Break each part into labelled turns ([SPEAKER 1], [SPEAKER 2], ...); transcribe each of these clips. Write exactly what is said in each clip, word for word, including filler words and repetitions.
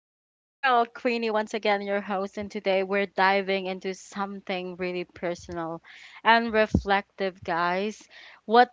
[SPEAKER 1] It's your girl, Queenie, once again, your host, and today we're diving into something really personal and reflective, guys. What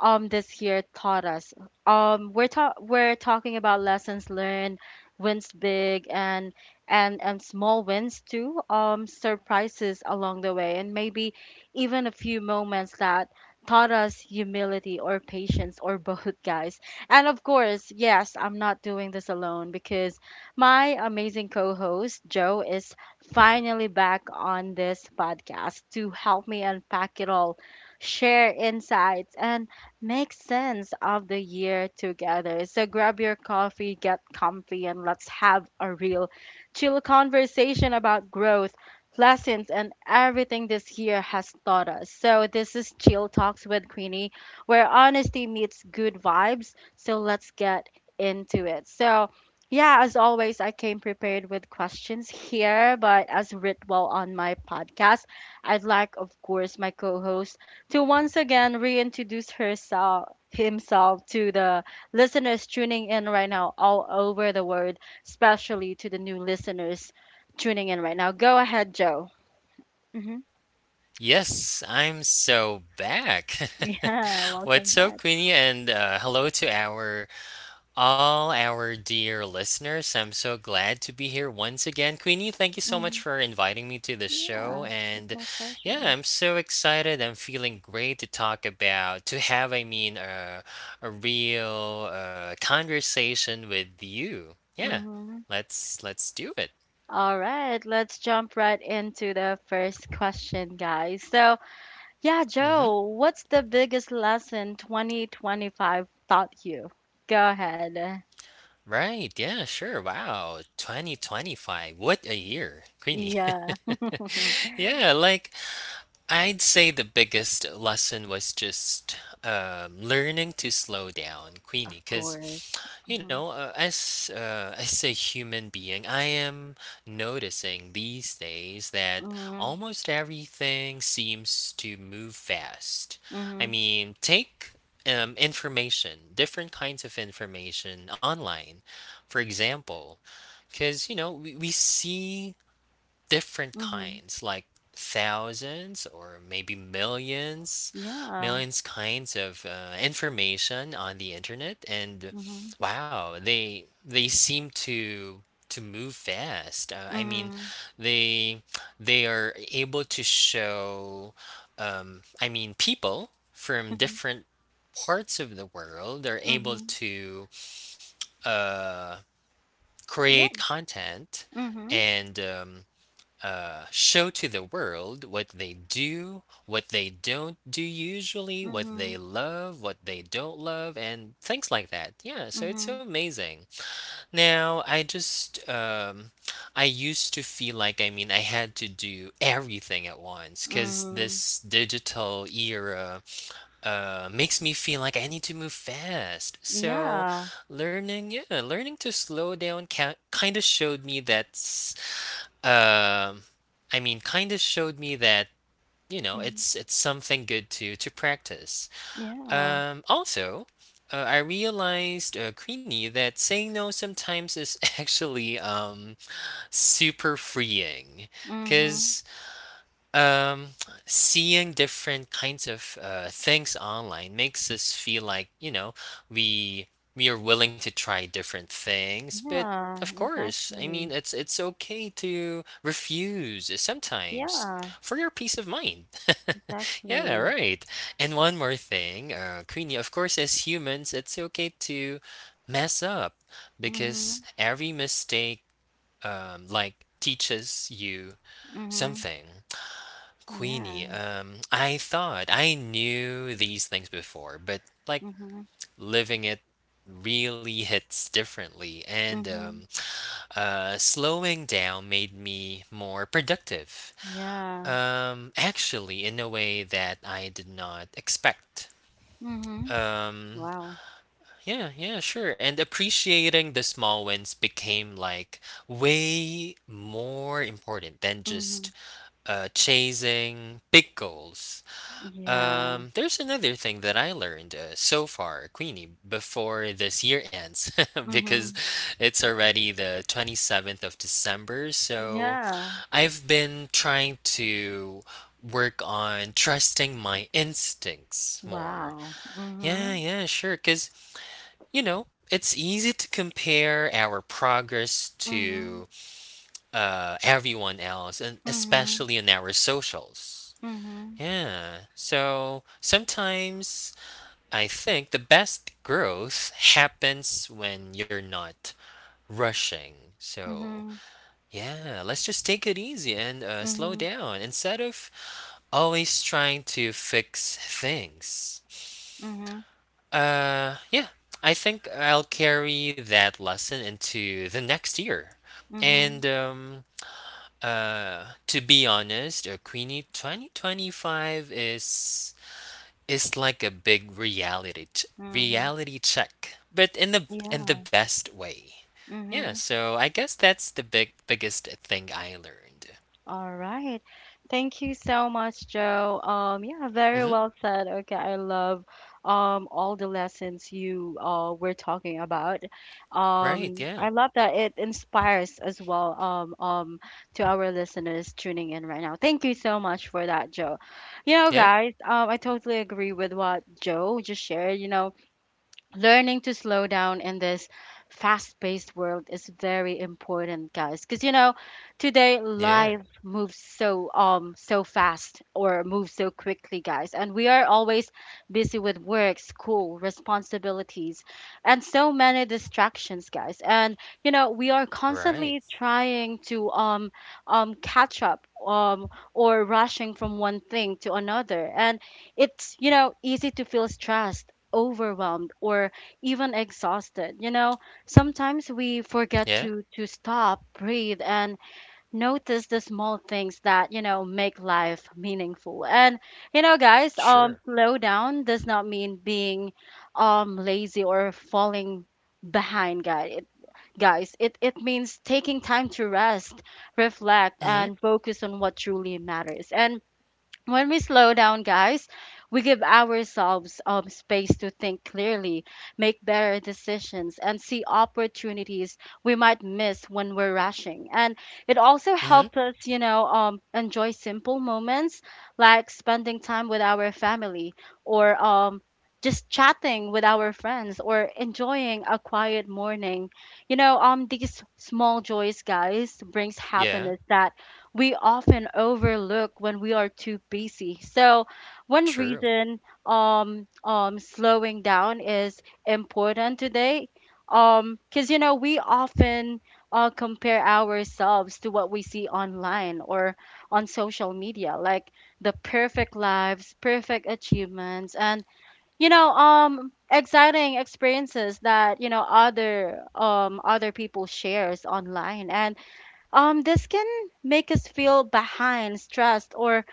[SPEAKER 1] um this year taught us. Um we're ta- we're talking about lessons learned, wins big and and and small wins too, um surprises along the way and maybe even a few moments that taught us humility or patience or both, guys. And of course, yes, I'm not doing this alone, because my amazing co host, Joe, is finally back on this podcast to help me unpack it all, share insights, and make sense of the year together. So grab your coffee, get comfy, and let's have a real chill conversation about growth. Lessons and everything this year has taught us. So, this is Chill Talks with Queenie, where honesty meets good vibes, so let's get into it. So, yeah, as always, I came prepared with questions here, but as ritual on my podcast, I'd like, of course, my co-host to once again reintroduce herself himself to the listeners tuning in right now all over the world, especially to the new listeners tuning in right now. Go ahead, Joe. hmm
[SPEAKER 2] Yes, I'm so back.
[SPEAKER 1] Yeah, welcome
[SPEAKER 2] What's up,
[SPEAKER 1] back.
[SPEAKER 2] Queenie? And uh, hello to our all our dear listeners. I'm so glad to be here once again, Queenie. Thank you so much
[SPEAKER 1] hmm
[SPEAKER 2] for inviting me to the show.
[SPEAKER 1] Yeah, it's
[SPEAKER 2] And
[SPEAKER 1] my
[SPEAKER 2] yeah,
[SPEAKER 1] pleasure.
[SPEAKER 2] I'm so excited. I'm feeling great to talk about to have. I mean, uh, a real uh, conversation with you. Yeah,
[SPEAKER 1] Mhm.
[SPEAKER 2] let's let's do it.
[SPEAKER 1] All right, let's jump right into the first question, guys. So, yeah,
[SPEAKER 2] Mm-hmm.
[SPEAKER 1] Joe, what's the biggest lesson twenty twenty-five taught you? Go ahead.
[SPEAKER 2] Right. Yeah, sure. Wow. twenty twenty-five. What a year, Queenie.
[SPEAKER 1] Yeah,
[SPEAKER 2] yeah, like I'd say the biggest lesson was just um, learning to slow down,
[SPEAKER 1] of
[SPEAKER 2] Queenie, because
[SPEAKER 1] course.
[SPEAKER 2] you know,
[SPEAKER 1] Mhm,
[SPEAKER 2] uh, as uh, as a human being, I am noticing these days that
[SPEAKER 1] mhm,
[SPEAKER 2] almost everything seems to move fast. I
[SPEAKER 1] mhm,
[SPEAKER 2] mean, take um, information, different kinds of information online, for example, because you know we, we see different
[SPEAKER 1] mhm.
[SPEAKER 2] kinds, like thousands or maybe millions,
[SPEAKER 1] Yeah.
[SPEAKER 2] millions kinds of uh, information on the internet, and
[SPEAKER 1] Mhm,
[SPEAKER 2] wow, they they seem to to move fast. Uh, I mean,
[SPEAKER 1] mhm,
[SPEAKER 2] they they are able to show, um, I mean, people from
[SPEAKER 1] mhm,
[SPEAKER 2] different parts of the world are able
[SPEAKER 1] mhm.
[SPEAKER 2] to uh, create
[SPEAKER 1] Yeah.
[SPEAKER 2] content
[SPEAKER 1] Mhm,
[SPEAKER 2] and um, uh, show to the world what they do, what they don't do usually, what they
[SPEAKER 1] mhm,
[SPEAKER 2] love, what they don't love, and things like that. Yeah, so it's so
[SPEAKER 1] mhm,
[SPEAKER 2] amazing. Now, I just, um, I used to feel like, I mean, I had to do everything at once because
[SPEAKER 1] mhm.
[SPEAKER 2] this digital era uh, makes me feel like I need to move fast. So,
[SPEAKER 1] Yeah.
[SPEAKER 2] learning, yeah, learning to slow down kind of showed me that um, I mean, kind of showed me that you know
[SPEAKER 1] Mhm,
[SPEAKER 2] it's it's something good to to practice.
[SPEAKER 1] yeah.
[SPEAKER 2] Um, also, uh, I realized, uh, Queenie, that saying no sometimes is actually um super freeing,
[SPEAKER 1] Mhm.
[SPEAKER 2] because um, seeing different kinds of uh, things online makes us feel like, you know, we we are willing to try different things, but
[SPEAKER 1] Yeah,
[SPEAKER 2] of course, I mean,
[SPEAKER 1] exactly.
[SPEAKER 2] it's it's okay to refuse sometimes
[SPEAKER 1] Yeah.
[SPEAKER 2] for your peace of mind. Yeah,
[SPEAKER 1] Exactly.
[SPEAKER 2] right. And one more thing, uh, Queenie, of course, as humans, it's okay to mess up because
[SPEAKER 1] Mhm.
[SPEAKER 2] every mistake, um, like, teaches you
[SPEAKER 1] Mhm.
[SPEAKER 2] something. Queenie,
[SPEAKER 1] Yeah.
[SPEAKER 2] um, I thought I knew these things before, but like
[SPEAKER 1] Mhm.
[SPEAKER 2] living it really hits differently. And um,
[SPEAKER 1] Mhm.
[SPEAKER 2] uh, Slowing down made me more productive.
[SPEAKER 1] Yeah.
[SPEAKER 2] Um, actually, in a way that I did not expect.
[SPEAKER 1] Mhm.
[SPEAKER 2] Um,
[SPEAKER 1] Wow.
[SPEAKER 2] yeah, yeah, sure. And appreciating the small wins became like way more important than
[SPEAKER 1] Mhm.
[SPEAKER 2] just uh, chasing big goals.
[SPEAKER 1] Yeah.
[SPEAKER 2] Um, there's another thing that I learned uh, so far, Queenie, before this year ends, because
[SPEAKER 1] Mhm.
[SPEAKER 2] it's already the twenty-seventh of December. So
[SPEAKER 1] Yeah.
[SPEAKER 2] I've been trying to work on trusting my instincts more.
[SPEAKER 1] Wow.
[SPEAKER 2] Yeah,
[SPEAKER 1] Mhm.
[SPEAKER 2] yeah, sure. Because, you know, it's easy to compare our progress
[SPEAKER 1] Mhm.
[SPEAKER 2] to uh, everyone else, and especially in our socials.
[SPEAKER 1] Mhm.
[SPEAKER 2] Yeah. So sometimes I think the best growth happens when you're not rushing. So,
[SPEAKER 1] Mhm.
[SPEAKER 2] yeah, let's just take it easy and uh, slow
[SPEAKER 1] Mhm.
[SPEAKER 2] down instead of always trying to fix things.
[SPEAKER 1] Mhm. Mhm.
[SPEAKER 2] Uh, yeah, I think I'll carry that lesson into the next year. And
[SPEAKER 1] Mhm.
[SPEAKER 2] um, uh, To be honest, uh, Queenie, twenty twenty-five is It's like a big reality ch-
[SPEAKER 1] Mhm.
[SPEAKER 2] reality check, but in the in the
[SPEAKER 1] Yeah.
[SPEAKER 2] best way. Yeah,
[SPEAKER 1] Mhm.
[SPEAKER 2] so I guess that's the big biggest thing I learned.
[SPEAKER 1] All right. Thank you so much, Joe. Um, yeah, very
[SPEAKER 2] hmm
[SPEAKER 1] well said. Okay, I love um all the lessons you uh were talking about.
[SPEAKER 2] Right.
[SPEAKER 1] Um,
[SPEAKER 2] Yeah.
[SPEAKER 1] I love that it inspires as well um um to our listeners tuning in right now. Thank you so much for that, Joe. You know,
[SPEAKER 2] Yeah.
[SPEAKER 1] guys, um, I totally agree with what Joe just shared. You know, learning to slow down in this fast-paced world is very important, guys, because you know today
[SPEAKER 2] Yeah.
[SPEAKER 1] life moves so um so fast or moves so quickly, guys, and we are always busy with work, school, responsibilities, and so many distractions, guys. And you know we are
[SPEAKER 2] Right.
[SPEAKER 1] constantly trying to um um catch up um or rushing from one thing to another, and it's, you know, easy to feel stressed, overwhelmed, or even exhausted. You know, sometimes we forget
[SPEAKER 2] Yeah.
[SPEAKER 1] to to stop, breathe, and notice the small things that, you know, make life meaningful. And you know, guys, um
[SPEAKER 2] Sure.
[SPEAKER 1] slow down does not mean being um lazy or falling behind, guys. It, guys, it it means taking time to rest, reflect,
[SPEAKER 2] hmm
[SPEAKER 1] and focus on what truly matters. And when we slow down, guys, we give ourselves um, space to think clearly, make better decisions, and see opportunities we might miss when we're rushing. And it also
[SPEAKER 2] hmm
[SPEAKER 1] helps us, you know, um, enjoy simple moments like spending time with our family or um, just chatting with our friends or enjoying a quiet morning. You know, um, these small joys, guys, brings
[SPEAKER 2] Yeah.
[SPEAKER 1] happiness that we often overlook when we are too busy. So, one
[SPEAKER 2] True.
[SPEAKER 1] reason um, um, slowing down is important today um because you know we often uh, compare ourselves to what we see online or on social media, like the perfect lives, perfect achievements, and you know um exciting experiences that you know other um other people shares online. And um, this can make us feel behind, stressed, or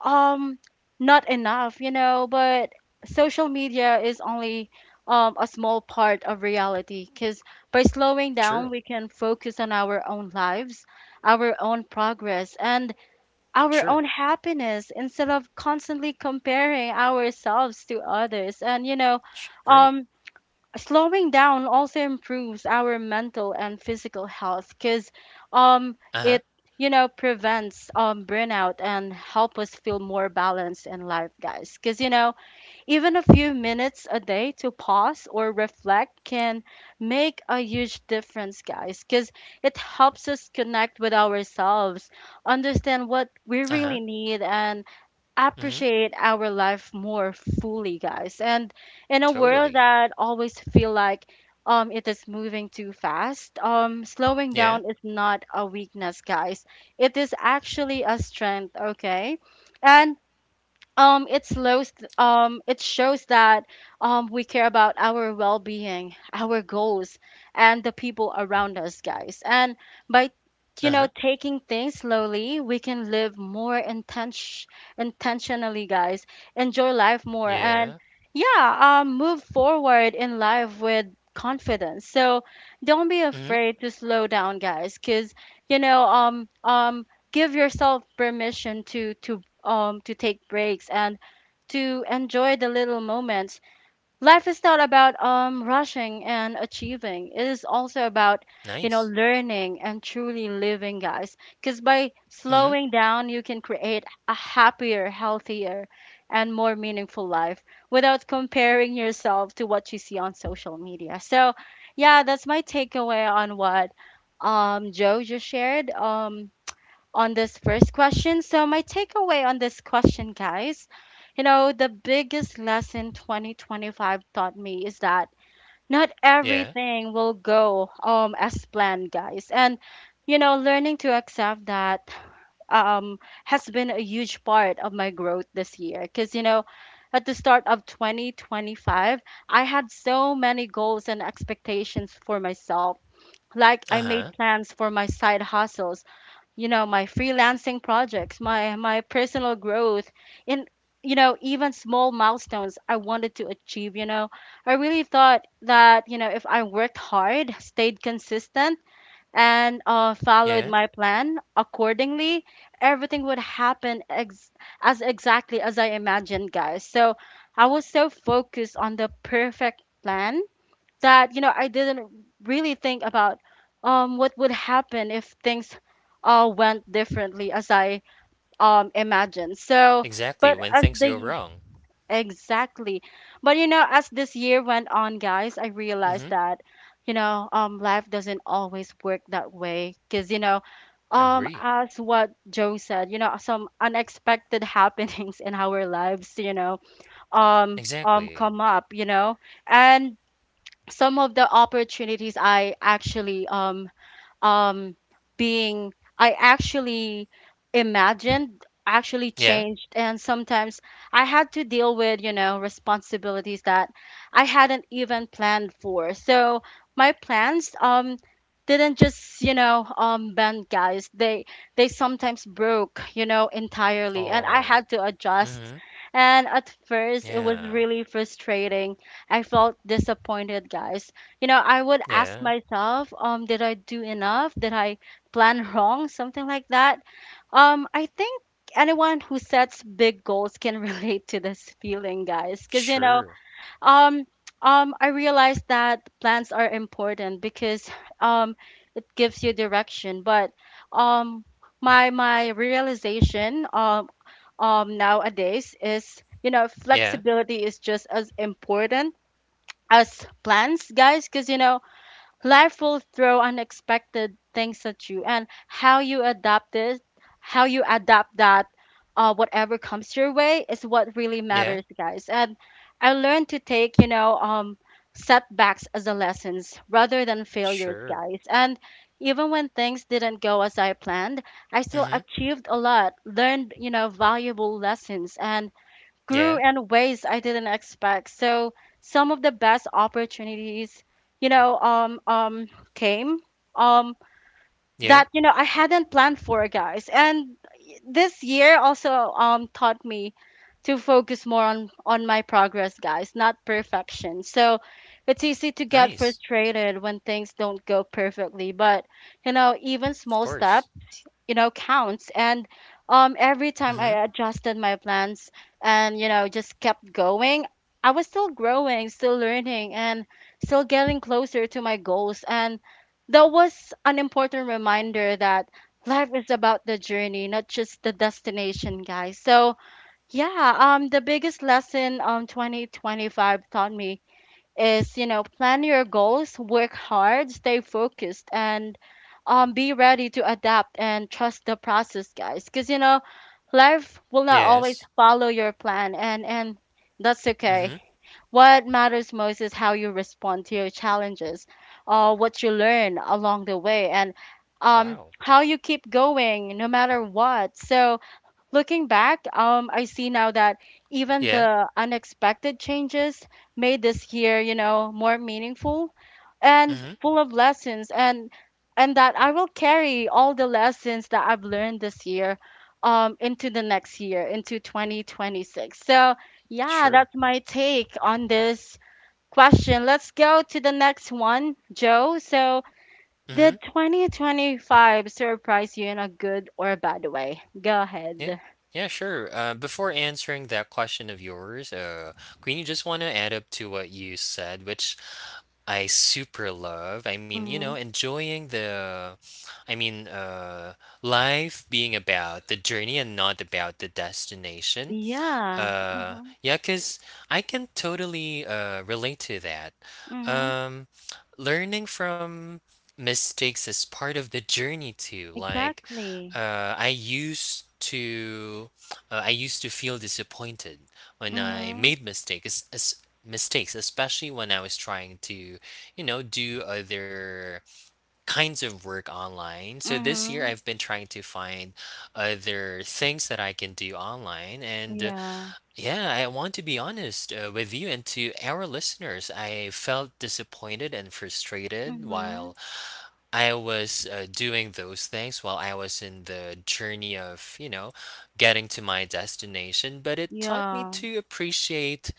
[SPEAKER 1] um, not enough, you know. But social media is only um, a small part of reality, because by slowing
[SPEAKER 2] True.
[SPEAKER 1] down, we can focus on our own lives, our own progress, and our
[SPEAKER 2] True.
[SPEAKER 1] own happiness, instead of constantly comparing ourselves to others. And, you know,
[SPEAKER 2] Sh- Great.
[SPEAKER 1] um, slowing down also improves our mental and physical health because um
[SPEAKER 2] Uh huh.
[SPEAKER 1] it, you know, prevents um burnout and help us feel more balanced in life, guys, because you know even a few minutes a day to pause or reflect can make a huge difference, guys, because it helps us connect with ourselves, understand what we
[SPEAKER 2] Uh
[SPEAKER 1] really
[SPEAKER 2] huh.
[SPEAKER 1] need, and
[SPEAKER 2] hmm
[SPEAKER 1] appreciate our life more fully, guys. And in a world
[SPEAKER 2] Totally.
[SPEAKER 1] that always feel like um it is moving too fast, um slowing
[SPEAKER 2] Yeah.
[SPEAKER 1] down is not a weakness, guys. It is actually a strength, okay? And um it slows um it shows that um we care about our well-being, our goals, and the people around us, guys. And by
[SPEAKER 2] Uh
[SPEAKER 1] you know
[SPEAKER 2] huh.
[SPEAKER 1] taking things slowly, we can live more intention intentionally, guys, enjoy life more, and
[SPEAKER 2] Yeah.
[SPEAKER 1] yeah, um move forward in life with confidence. So don't be
[SPEAKER 2] hmm
[SPEAKER 1] afraid to slow down, guys, because you know um um give yourself permission to to um to take breaks and to enjoy the little moments. Life is not about um rushing and achieving. It is also about, you know,
[SPEAKER 2] Nice.
[SPEAKER 1] learning and truly living, guys. Cuz by
[SPEAKER 2] hmm
[SPEAKER 1] slowing down, you can create a happier, healthier, and more meaningful life without comparing yourself to what you see on social media. So, yeah, that's my takeaway on what um Joe just shared. Um, on this first question. So, my takeaway on this question, guys, you know, the biggest lesson twenty twenty-five taught me is that not
[SPEAKER 2] Yeah.
[SPEAKER 1] everything will go um as planned, guys. And you know, learning to accept that um has been a huge part of my growth this year, because you know, at the start of twenty twenty-five, I had so many goals and expectations for myself. Like
[SPEAKER 2] Uh
[SPEAKER 1] I
[SPEAKER 2] huh.
[SPEAKER 1] made plans for my side hustles, you know, my freelancing projects, my my personal growth, and you know even small milestones I wanted to achieve. You know, I really thought that, you know, if I worked hard, stayed consistent, and uh, followed
[SPEAKER 2] Yeah.
[SPEAKER 1] my plan accordingly, everything would happen ex- as exactly as I imagined, guys. So I was so focused on the perfect plan that, you know, I didn't really think about um what would happen if things all went differently as I um imagined. So,
[SPEAKER 2] Exactly.
[SPEAKER 1] but
[SPEAKER 2] When
[SPEAKER 1] as
[SPEAKER 2] things
[SPEAKER 1] the
[SPEAKER 2] go
[SPEAKER 1] y-
[SPEAKER 2] wrong.
[SPEAKER 1] exactly, but you know as this year went on, guys, I realized
[SPEAKER 2] hmm
[SPEAKER 1] that you know um life doesn't always work that way, because you know um
[SPEAKER 2] Agree.
[SPEAKER 1] as what Joe said, you know some unexpected happenings in our lives, you know um um
[SPEAKER 2] Exactly.
[SPEAKER 1] come up, you know. And some of the opportunities I actually um um being I actually imagined actually
[SPEAKER 2] Yeah.
[SPEAKER 1] changed, and sometimes I had to deal with, you know, responsibilities that I hadn't even planned for. So my plans um didn't just, you know, um bend, guys. They they sometimes broke, you know, entirely, and I
[SPEAKER 2] Oh.
[SPEAKER 1] had to adjust.
[SPEAKER 2] Mhm.
[SPEAKER 1] And at first it was
[SPEAKER 2] Yeah.
[SPEAKER 1] really frustrating. I felt disappointed, guys. You know, I would ask
[SPEAKER 2] Yeah.
[SPEAKER 1] myself, um did I do enough, did I plan wrong, something like that. Um I think anyone who sets big goals can relate to this feeling, guys, because you know
[SPEAKER 2] Sure.
[SPEAKER 1] um um I realized that plans are important because um it gives you direction. But um my my realization um um nowadays is, you know,
[SPEAKER 2] Yeah.
[SPEAKER 1] flexibility is just as important as plans, guys, because you know life will throw unexpected things at you, and how you adapt this, how you adapt that, uh, whatever comes your way is what really
[SPEAKER 2] Yeah.
[SPEAKER 1] matters, guys. And I learned to take, you know, um, setbacks as a lessons rather than failures,
[SPEAKER 2] Sure.
[SPEAKER 1] guys. And even when things didn't go as I planned, I still
[SPEAKER 2] Mhm.
[SPEAKER 1] achieved a lot, learned, you know, valuable lessons, and grew
[SPEAKER 2] Yeah.
[SPEAKER 1] in ways I didn't expect. So some of the best opportunities, you know, um, um, came um,
[SPEAKER 2] Yeah.
[SPEAKER 1] that you know I hadn't planned for, guys. And this year also um, taught me to focus more on on my progress, guys, not perfection. So it's easy to get
[SPEAKER 2] Nice.
[SPEAKER 1] frustrated when things don't go perfectly, but you know even
[SPEAKER 2] Of
[SPEAKER 1] small
[SPEAKER 2] course.
[SPEAKER 1] steps, you know, counts. And um every time
[SPEAKER 2] Mhm.
[SPEAKER 1] I adjusted my plans and you know just kept going, I was still growing, still learning, and still getting closer to my goals. And that was an important reminder that life is about the journey, not just the destination, guys. So yeah, um the biggest lesson um twenty twenty-five taught me is, you know, plan your goals, work hard, stay focused, and um be ready to adapt and trust the process, guys, because you know life will not always
[SPEAKER 2] Yes.
[SPEAKER 1] follow your plan, and and that's okay.
[SPEAKER 2] Mhm.
[SPEAKER 1] What matters most is how you respond to your challenges, uh what you learn along the way, and um
[SPEAKER 2] Wow.
[SPEAKER 1] how you keep going no matter what. So looking back, um, I see now that even
[SPEAKER 2] Yeah.
[SPEAKER 1] the unexpected changes made this year, you know, more meaningful and
[SPEAKER 2] Mhm.
[SPEAKER 1] full of lessons. And and that I will carry all the lessons that I've learned this year um into the next year, into twenty twenty-six. So, yeah,
[SPEAKER 2] Sure.
[SPEAKER 1] that's my take on this question. Let's go to the next one, Joe. So,
[SPEAKER 2] Mhm.
[SPEAKER 1] did twenty twenty-five surprise you in a good or a bad way? Go
[SPEAKER 2] Yeah.
[SPEAKER 1] ahead.
[SPEAKER 2] Yeah, sure. Uh, before answering that question of yours, uh, Queenie, just want to add up to what you said, which I super love. I mean, you know, enjoying the I mean, uh, Life being about the journey and not about the destination.
[SPEAKER 1] Yeah.
[SPEAKER 2] Uh,
[SPEAKER 1] Mm-hmm.
[SPEAKER 2] yeah, because I can totally uh, relate to that.
[SPEAKER 1] Mm-hmm.
[SPEAKER 2] Um, learning from mistakes is part of the journey too. Like,
[SPEAKER 1] Exactly.
[SPEAKER 2] uh, I used to, uh, I used to feel disappointed when I
[SPEAKER 1] Mm-hmm.
[SPEAKER 2] made mistakes. As, mistakes, especially when I was trying to, you know, do other kinds of work online. So this year
[SPEAKER 1] Mm-hmm.
[SPEAKER 2] I've been trying to find other things that I can do online and uh,
[SPEAKER 1] Yeah.
[SPEAKER 2] yeah, I want to be honest uh, with you and to our listeners. I felt disappointed and frustrated while
[SPEAKER 1] Mm-hmm.
[SPEAKER 2] I was uh, doing those things while I was in the journey of, you know, getting to my destination, but it taught me
[SPEAKER 1] Yeah.
[SPEAKER 2] to appreciate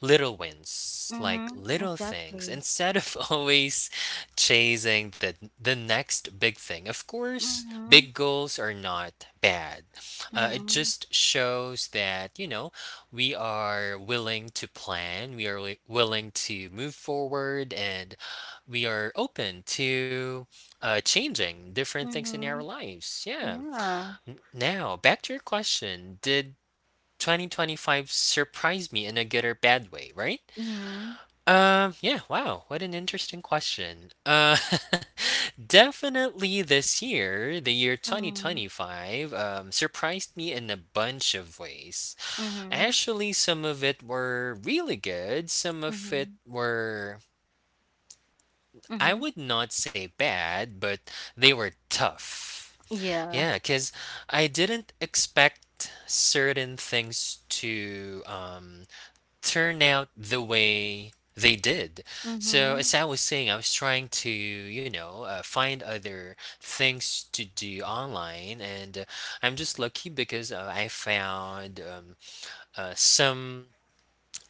[SPEAKER 2] little wins, like
[SPEAKER 1] Mm-hmm.
[SPEAKER 2] little things,
[SPEAKER 1] Exactly.
[SPEAKER 2] instead of always chasing the the next big thing. Of course,
[SPEAKER 1] Mm-hmm.
[SPEAKER 2] big goals are not bad. Uh, it
[SPEAKER 1] Mm-hmm.
[SPEAKER 2] just shows that you know we are willing to plan, we are wi- willing to move forward, and we are open to uh, changing different things in our
[SPEAKER 1] Mm-hmm.
[SPEAKER 2] lives. Yeah.
[SPEAKER 1] Yeah.
[SPEAKER 2] Now back to your question: Did twenty twenty-five surprise me in a good or bad way? Right?
[SPEAKER 1] Mm-hmm.
[SPEAKER 2] Um, yeah, wow, what an interesting question. Uh, definitely this year, the year
[SPEAKER 1] Mm-hmm.
[SPEAKER 2] twenty twenty-five, um, surprised me in a bunch of ways.
[SPEAKER 1] Mm-hmm.
[SPEAKER 2] Actually, some of it were really good, some of
[SPEAKER 1] Mm-hmm.
[SPEAKER 2] it were, I
[SPEAKER 1] Mm-hmm.
[SPEAKER 2] would not say bad, but they were tough.
[SPEAKER 1] Yeah.
[SPEAKER 2] Yeah, because I didn't expect certain things to um turn out the way they did. So,
[SPEAKER 1] Mm-hmm.
[SPEAKER 2] as I was saying, I was trying to, you know, uh, find other things to do online, and uh, I'm just lucky because uh, I found um, uh, some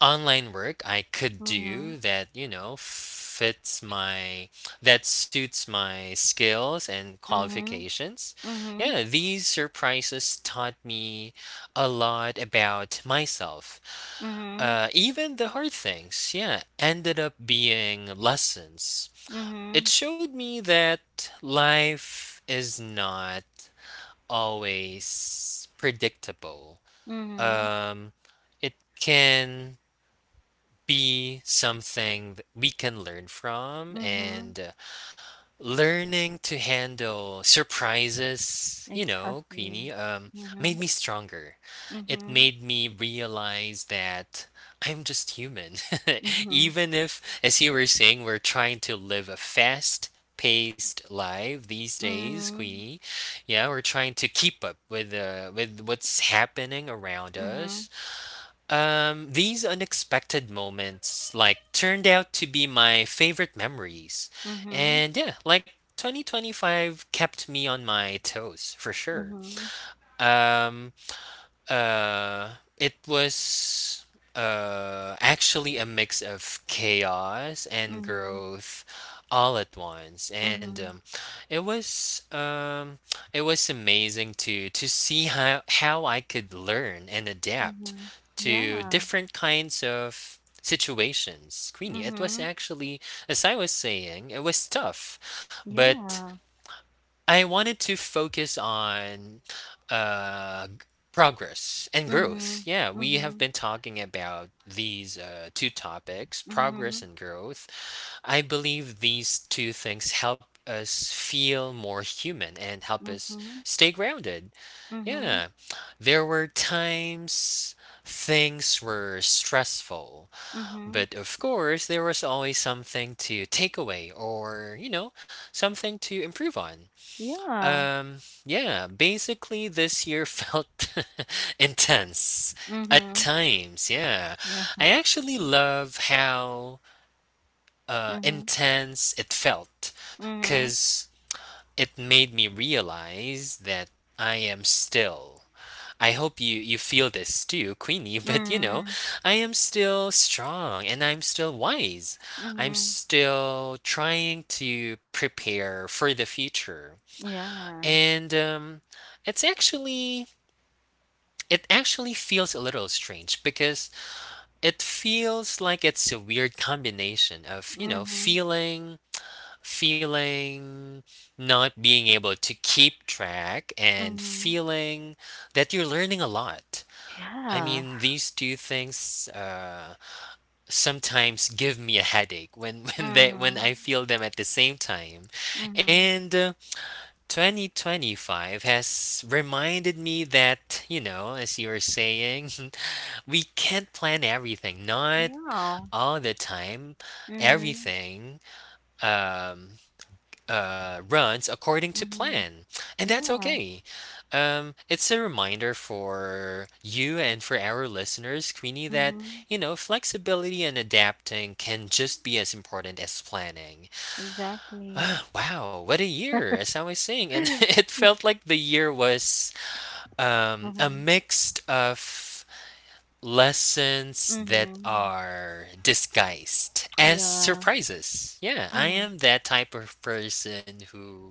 [SPEAKER 2] online work I could
[SPEAKER 1] Mm-hmm.
[SPEAKER 2] do that, you know, fits my that suits my skills and qualifications.
[SPEAKER 1] Mm-hmm.
[SPEAKER 2] Yeah, these surprises taught me a lot about myself
[SPEAKER 1] Mm-hmm. Mm-hmm.
[SPEAKER 2] uh, even the hard things, yeah, ended up being lessons.
[SPEAKER 1] Mm-hmm.
[SPEAKER 2] It showed me that life is not always predictable.
[SPEAKER 1] Mm-hmm.
[SPEAKER 2] Um, it can be something that we can learn from
[SPEAKER 1] Mm-hmm.
[SPEAKER 2] and uh, learning to handle surprises, you know,
[SPEAKER 1] Exactly.
[SPEAKER 2] Queenie, um,
[SPEAKER 1] Mm-hmm.
[SPEAKER 2] made me stronger. It
[SPEAKER 1] Mm-hmm.
[SPEAKER 2] made me realize that I'm just human.
[SPEAKER 1] Mm-hmm.
[SPEAKER 2] Even if, as you were saying, we're trying to live a fast paced life these days,
[SPEAKER 1] Mm-hmm.
[SPEAKER 2] Queenie. Yeah, we're trying to keep up with uh, with what's happening around
[SPEAKER 1] Mm-hmm.
[SPEAKER 2] us. Um, these unexpected moments like turned out to be my favorite memories.
[SPEAKER 1] Mhm,
[SPEAKER 2] And yeah, like twenty twenty-five kept me on my toes for sure.
[SPEAKER 1] mhm,
[SPEAKER 2] Um, uh, it was uh, actually a mix of chaos and
[SPEAKER 1] mhm,
[SPEAKER 2] growth all at once and um,
[SPEAKER 1] mhm,
[SPEAKER 2] it was um, it was amazing to to see how how I could learn and adapt
[SPEAKER 1] mhm.
[SPEAKER 2] to
[SPEAKER 1] Yeah.
[SPEAKER 2] different kinds of situations, Queenie. It was
[SPEAKER 1] Mhm.
[SPEAKER 2] actually, as I was saying, it was tough, but
[SPEAKER 1] Yeah.
[SPEAKER 2] I wanted to focus on uh, g- progress and growth.
[SPEAKER 1] Mhm,
[SPEAKER 2] Yeah, we have
[SPEAKER 1] mhm,
[SPEAKER 2] been talking about these uh, two topics, progress
[SPEAKER 1] mhm,
[SPEAKER 2] and growth. I believe these two things help us feel more human and help us
[SPEAKER 1] mhm,
[SPEAKER 2] stay grounded.
[SPEAKER 1] mhm,
[SPEAKER 2] Yeah, there were times things were stressful,
[SPEAKER 1] mhm.
[SPEAKER 2] but of course, there was always something to take away or, you know, something to improve on.
[SPEAKER 1] Yeah.
[SPEAKER 2] Um, yeah, basically this year felt intense at
[SPEAKER 1] Mhm.
[SPEAKER 2] times. Yeah.
[SPEAKER 1] Yeah.
[SPEAKER 2] I actually love how uh
[SPEAKER 1] Mhm.
[SPEAKER 2] intense it felt
[SPEAKER 1] Mhm.
[SPEAKER 2] cuz it made me realize that I am still I hope you you feel this too, Queenie, but you know,
[SPEAKER 1] Mhm.
[SPEAKER 2] I am still strong and I'm still wise. I'm
[SPEAKER 1] Mhm.
[SPEAKER 2] still trying to prepare for the future
[SPEAKER 1] Yeah.
[SPEAKER 2] and um, it's actually it actually feels a little strange because it feels like it's a weird combination of you know
[SPEAKER 1] Mhm.
[SPEAKER 2] feeling feeling not being able to keep track and
[SPEAKER 1] Mhm.
[SPEAKER 2] feeling that you're learning a lot. I
[SPEAKER 1] Yeah.
[SPEAKER 2] mean these two things uh, sometimes give me a headache when when they when I
[SPEAKER 1] Mhm.
[SPEAKER 2] feel them at the same time.
[SPEAKER 1] Mhm.
[SPEAKER 2] And uh, twenty twenty-five has reminded me that, you know, as you were saying, we can't plan everything, not
[SPEAKER 1] Yeah.
[SPEAKER 2] all the time.
[SPEAKER 1] Mhm.
[SPEAKER 2] Everything um, uh, runs according to
[SPEAKER 1] Mhm.
[SPEAKER 2] plan, and that's
[SPEAKER 1] Yeah.
[SPEAKER 2] okay. Um, it's a reminder for you and for our listeners, Queenie, that,
[SPEAKER 1] Mhm.
[SPEAKER 2] you know, flexibility and adapting can just be as important as planning.
[SPEAKER 1] Exactly.
[SPEAKER 2] Wow, what a year, as I was saying. And it felt like the year was um, a
[SPEAKER 1] Mhm.
[SPEAKER 2] mix of lessons that
[SPEAKER 1] Mhm.
[SPEAKER 2] are disguised as
[SPEAKER 1] Yeah.
[SPEAKER 2] surprises. Yeah, I
[SPEAKER 1] Mhm.
[SPEAKER 2] am that type of person who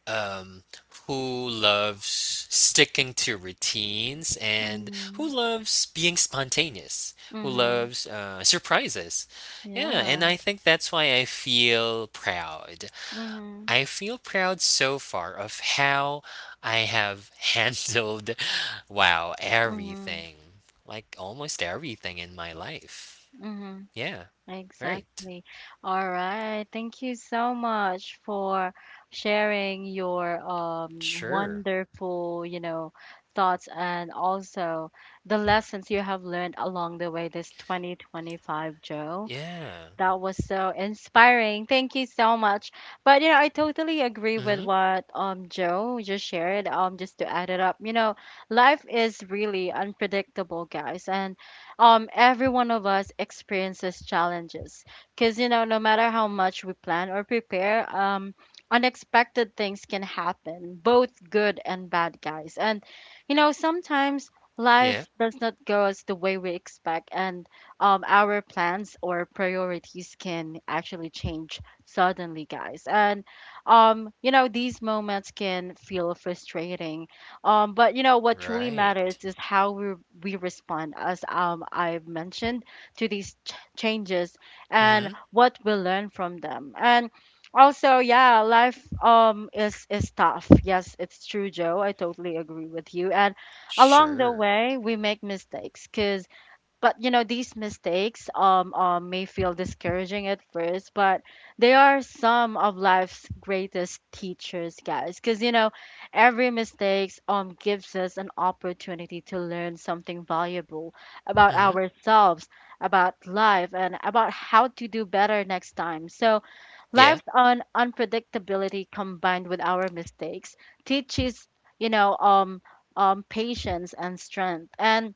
[SPEAKER 2] um who loves sticking to routines and who
[SPEAKER 1] Mhm.
[SPEAKER 2] loves being spontaneous, who
[SPEAKER 1] Mhm.
[SPEAKER 2] loves uh, surprises. Yeah, and
[SPEAKER 1] Yeah.
[SPEAKER 2] I think that's why I feel proud
[SPEAKER 1] Mhm.
[SPEAKER 2] I feel proud so far of how I have handled, wow,
[SPEAKER 1] Mhm.
[SPEAKER 2] everything. Like almost everything in my life.
[SPEAKER 1] Mhm.
[SPEAKER 2] Yeah. Right.
[SPEAKER 1] Exactly. All right. Thank you so much for sharing your um
[SPEAKER 2] Sure.
[SPEAKER 1] wonderful, you know, thoughts and also the lessons you have learned along the way this twenty twenty-five, Joe.
[SPEAKER 2] Yeah.
[SPEAKER 1] That was so inspiring. Thank you so much. But you know, I totally agree
[SPEAKER 2] Mm-hmm.
[SPEAKER 1] with what um Joe just shared. Um, just to add it up, you know, life is really unpredictable, guys, and um, every one of us experiences challenges. Cause you know, no matter how much we plan or prepare, um, unexpected things can happen, both good and bad, guys. And you know, sometimes
[SPEAKER 2] Yeah.
[SPEAKER 1] life does not go as the way we expect, and um, our plans or priorities can actually change suddenly, guys. And, um, you know, these moments can feel frustrating. Um, but, you know, what truly
[SPEAKER 2] Right.
[SPEAKER 1] matters is how we, we respond, as um, I've mentioned, to these ch- changes and
[SPEAKER 2] Mm-hmm.
[SPEAKER 1] what we learn from them. And also, yeah, life um is is tough. Yes, it's true, Joe. I totally agree with you. And along the
[SPEAKER 2] Sure.
[SPEAKER 1] way, we make mistakes because but you know these mistakes um, um may feel discouraging at first, but they are some of life's greatest teachers, guys, because you know every mistakes um gives us an opportunity to learn something valuable about
[SPEAKER 2] Mm-hmm.
[SPEAKER 1] ourselves, about life, and about how to do better next time. So
[SPEAKER 2] Yeah.
[SPEAKER 1] life's un- unpredictability, combined with our mistakes, teaches, you know, um um patience and strength. and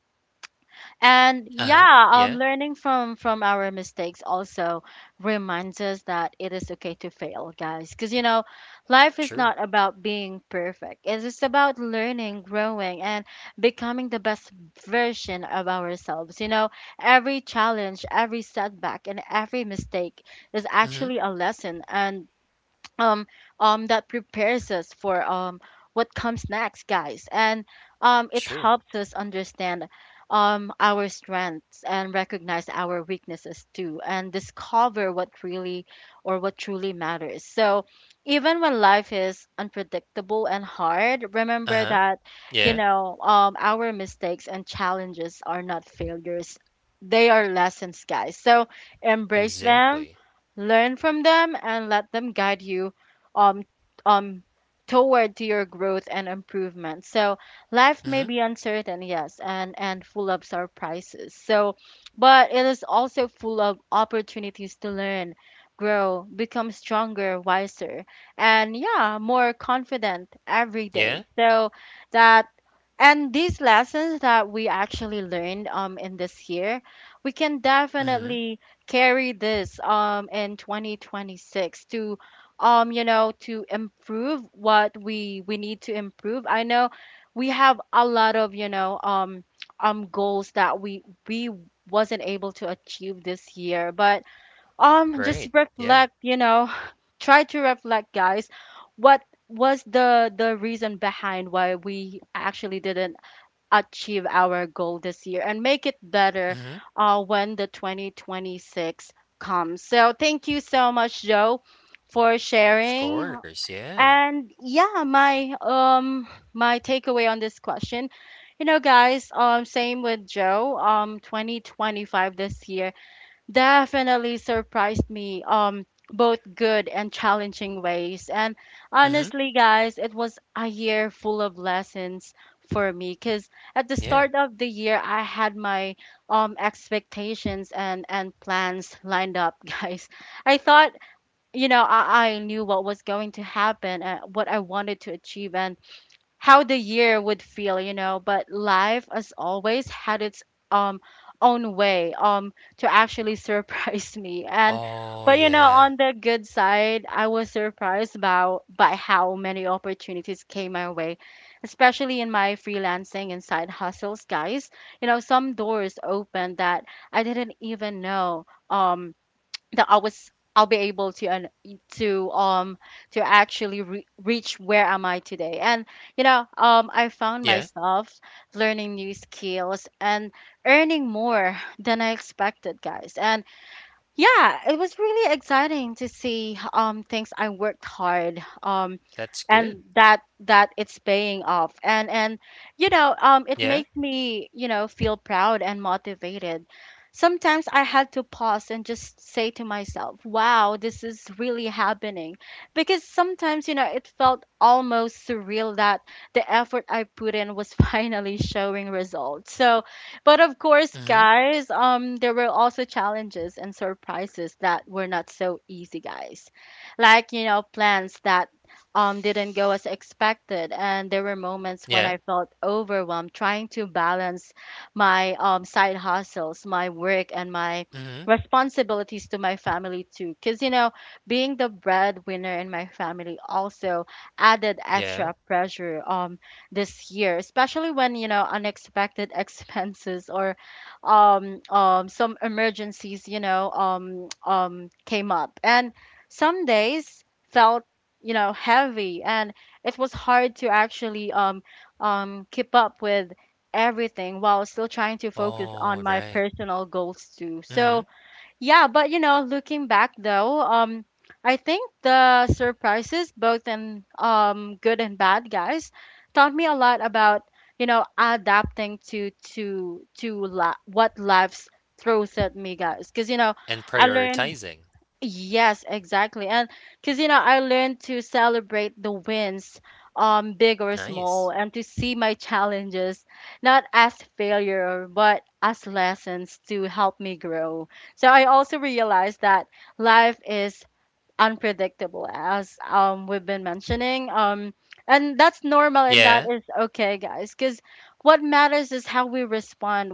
[SPEAKER 1] and
[SPEAKER 2] Uh-huh.
[SPEAKER 1] yeah, um,
[SPEAKER 2] Yeah.
[SPEAKER 1] learning from from our mistakes also reminds us that it is okay to fail, guys. Because you know, life is
[SPEAKER 2] True.
[SPEAKER 1] not about being perfect. It is about learning, growing, and becoming the best version of ourselves. You know, every challenge, every setback, and every mistake is
[SPEAKER 2] Mm-hmm.
[SPEAKER 1] actually a lesson. And um um that prepares us for um what comes next, guys. And um it
[SPEAKER 2] Sure.
[SPEAKER 1] helps us understand um our strengths and recognize our weaknesses too, and discover what really or what truly matters. So even when life is unpredictable and hard, remember
[SPEAKER 2] Uh-huh.
[SPEAKER 1] that, you
[SPEAKER 2] Yeah.
[SPEAKER 1] know, um our mistakes and challenges are not failures, they are lessons, guys. So embrace them,
[SPEAKER 2] Exactly.
[SPEAKER 1] learn from them, and let them guide you um um toward to your growth and improvement. So life may
[SPEAKER 2] Mm-hmm.
[SPEAKER 1] be uncertain, yes, and and full of surprises. So but it is also full of opportunities to learn, grow, become stronger, wiser, and yeah, more confident every
[SPEAKER 2] Yeah.
[SPEAKER 1] day. So that and these lessons that we actually learned um in this year, we can
[SPEAKER 2] Mm-hmm.
[SPEAKER 1] definitely carry this um in twenty twenty-six to um you know to improve what we we need to improve. I know we have a lot of, you know, um um goals that we we wasn't able to achieve this year. But um just
[SPEAKER 2] Right. Yeah.
[SPEAKER 1] reflect, you know, try to reflect, guys, what was the the reason behind why we actually didn't achieve our goal this year and make it better
[SPEAKER 2] Mm-hmm.
[SPEAKER 1] uh, when the twenty twenty-six comes. So thank you so much, Joe, for
[SPEAKER 2] Of
[SPEAKER 1] sharing.
[SPEAKER 2] course. Yeah.
[SPEAKER 1] And yeah, my um my takeaway on this question, you know, guys, um, same with Joe. Um, twenty twenty-five this year definitely surprised me um both good and challenging ways. And
[SPEAKER 2] Mm-hmm.
[SPEAKER 1] honestly, guys, it was a year full of lessons for me, because at the
[SPEAKER 2] Yeah.
[SPEAKER 1] start of the year I had my um expectations and and plans lined up guys. I thought, you know, i, I knew what was going to happen, uh, what I wanted to achieve and how the year would feel, you know, but life, as always, had its um own way um to actually surprise me. And
[SPEAKER 2] Oh,
[SPEAKER 1] but you know,
[SPEAKER 2] yeah.
[SPEAKER 1] on the good side, I was surprised by by how many opportunities came my way, especially in my freelancing and side hustles, guys. You know, some doors opened that I didn't even know um that I was I'll be able to and to um to actually re- reach where am I today. And you know, um I found
[SPEAKER 2] Yeah,
[SPEAKER 1] myself learning new skills and earning more than I expected, guys. And yeah, it was really exciting to see um things I worked hard um
[SPEAKER 2] that's good.
[SPEAKER 1] and that that it's paying off and and you know um it
[SPEAKER 2] Yeah.
[SPEAKER 1] makes me, you know, feel proud and motivated. Sometimes I had to pause and just say to myself, "Wow, this is really happening." Because sometimes, you know, it felt almost surreal that the effort I put in was finally showing results. So, but of course,
[SPEAKER 2] Mhm.
[SPEAKER 1] guys, um, there were also challenges and surprises that were not so easy, guys. Like, you know, plans that um didn't go as expected, and there were moments when
[SPEAKER 2] Yeah.
[SPEAKER 1] I felt overwhelmed trying to balance my um side hustles, my work, and my
[SPEAKER 2] Mhm.
[SPEAKER 1] responsibilities to my family too. Cause you know, being the breadwinner in my family also added
[SPEAKER 2] Yeah.
[SPEAKER 1] extra pressure. Um this year, especially when, you know, unexpected expenses or um, um, some emergencies, you know, um, um, came up. And some days felt, you know, heavy, and it was hard to actually um, um, keep up with everything while still trying to focus on
[SPEAKER 2] Oh,
[SPEAKER 1] my
[SPEAKER 2] right.
[SPEAKER 1] personal goals too. So,
[SPEAKER 2] Mhm.
[SPEAKER 1] yeah, but you know, looking back though, um, I think the surprises, both in um good and bad, guys, taught me a lot about, you know, adapting to to to la- what life throws at me, guys. Because you know,
[SPEAKER 2] And
[SPEAKER 1] I learned
[SPEAKER 2] prioritizing.
[SPEAKER 1] Yes, exactly. And because, you know, I learned to celebrate the wins, um, big or
[SPEAKER 2] Nice.
[SPEAKER 1] small, and to see my challenges not as failure, but as lessons to help me grow. So I also realized that life is unpredictable, as um we've been mentioning, um and that's normal, and that
[SPEAKER 2] Yeah.
[SPEAKER 1] is okay, guys. Because what matters is how we respond,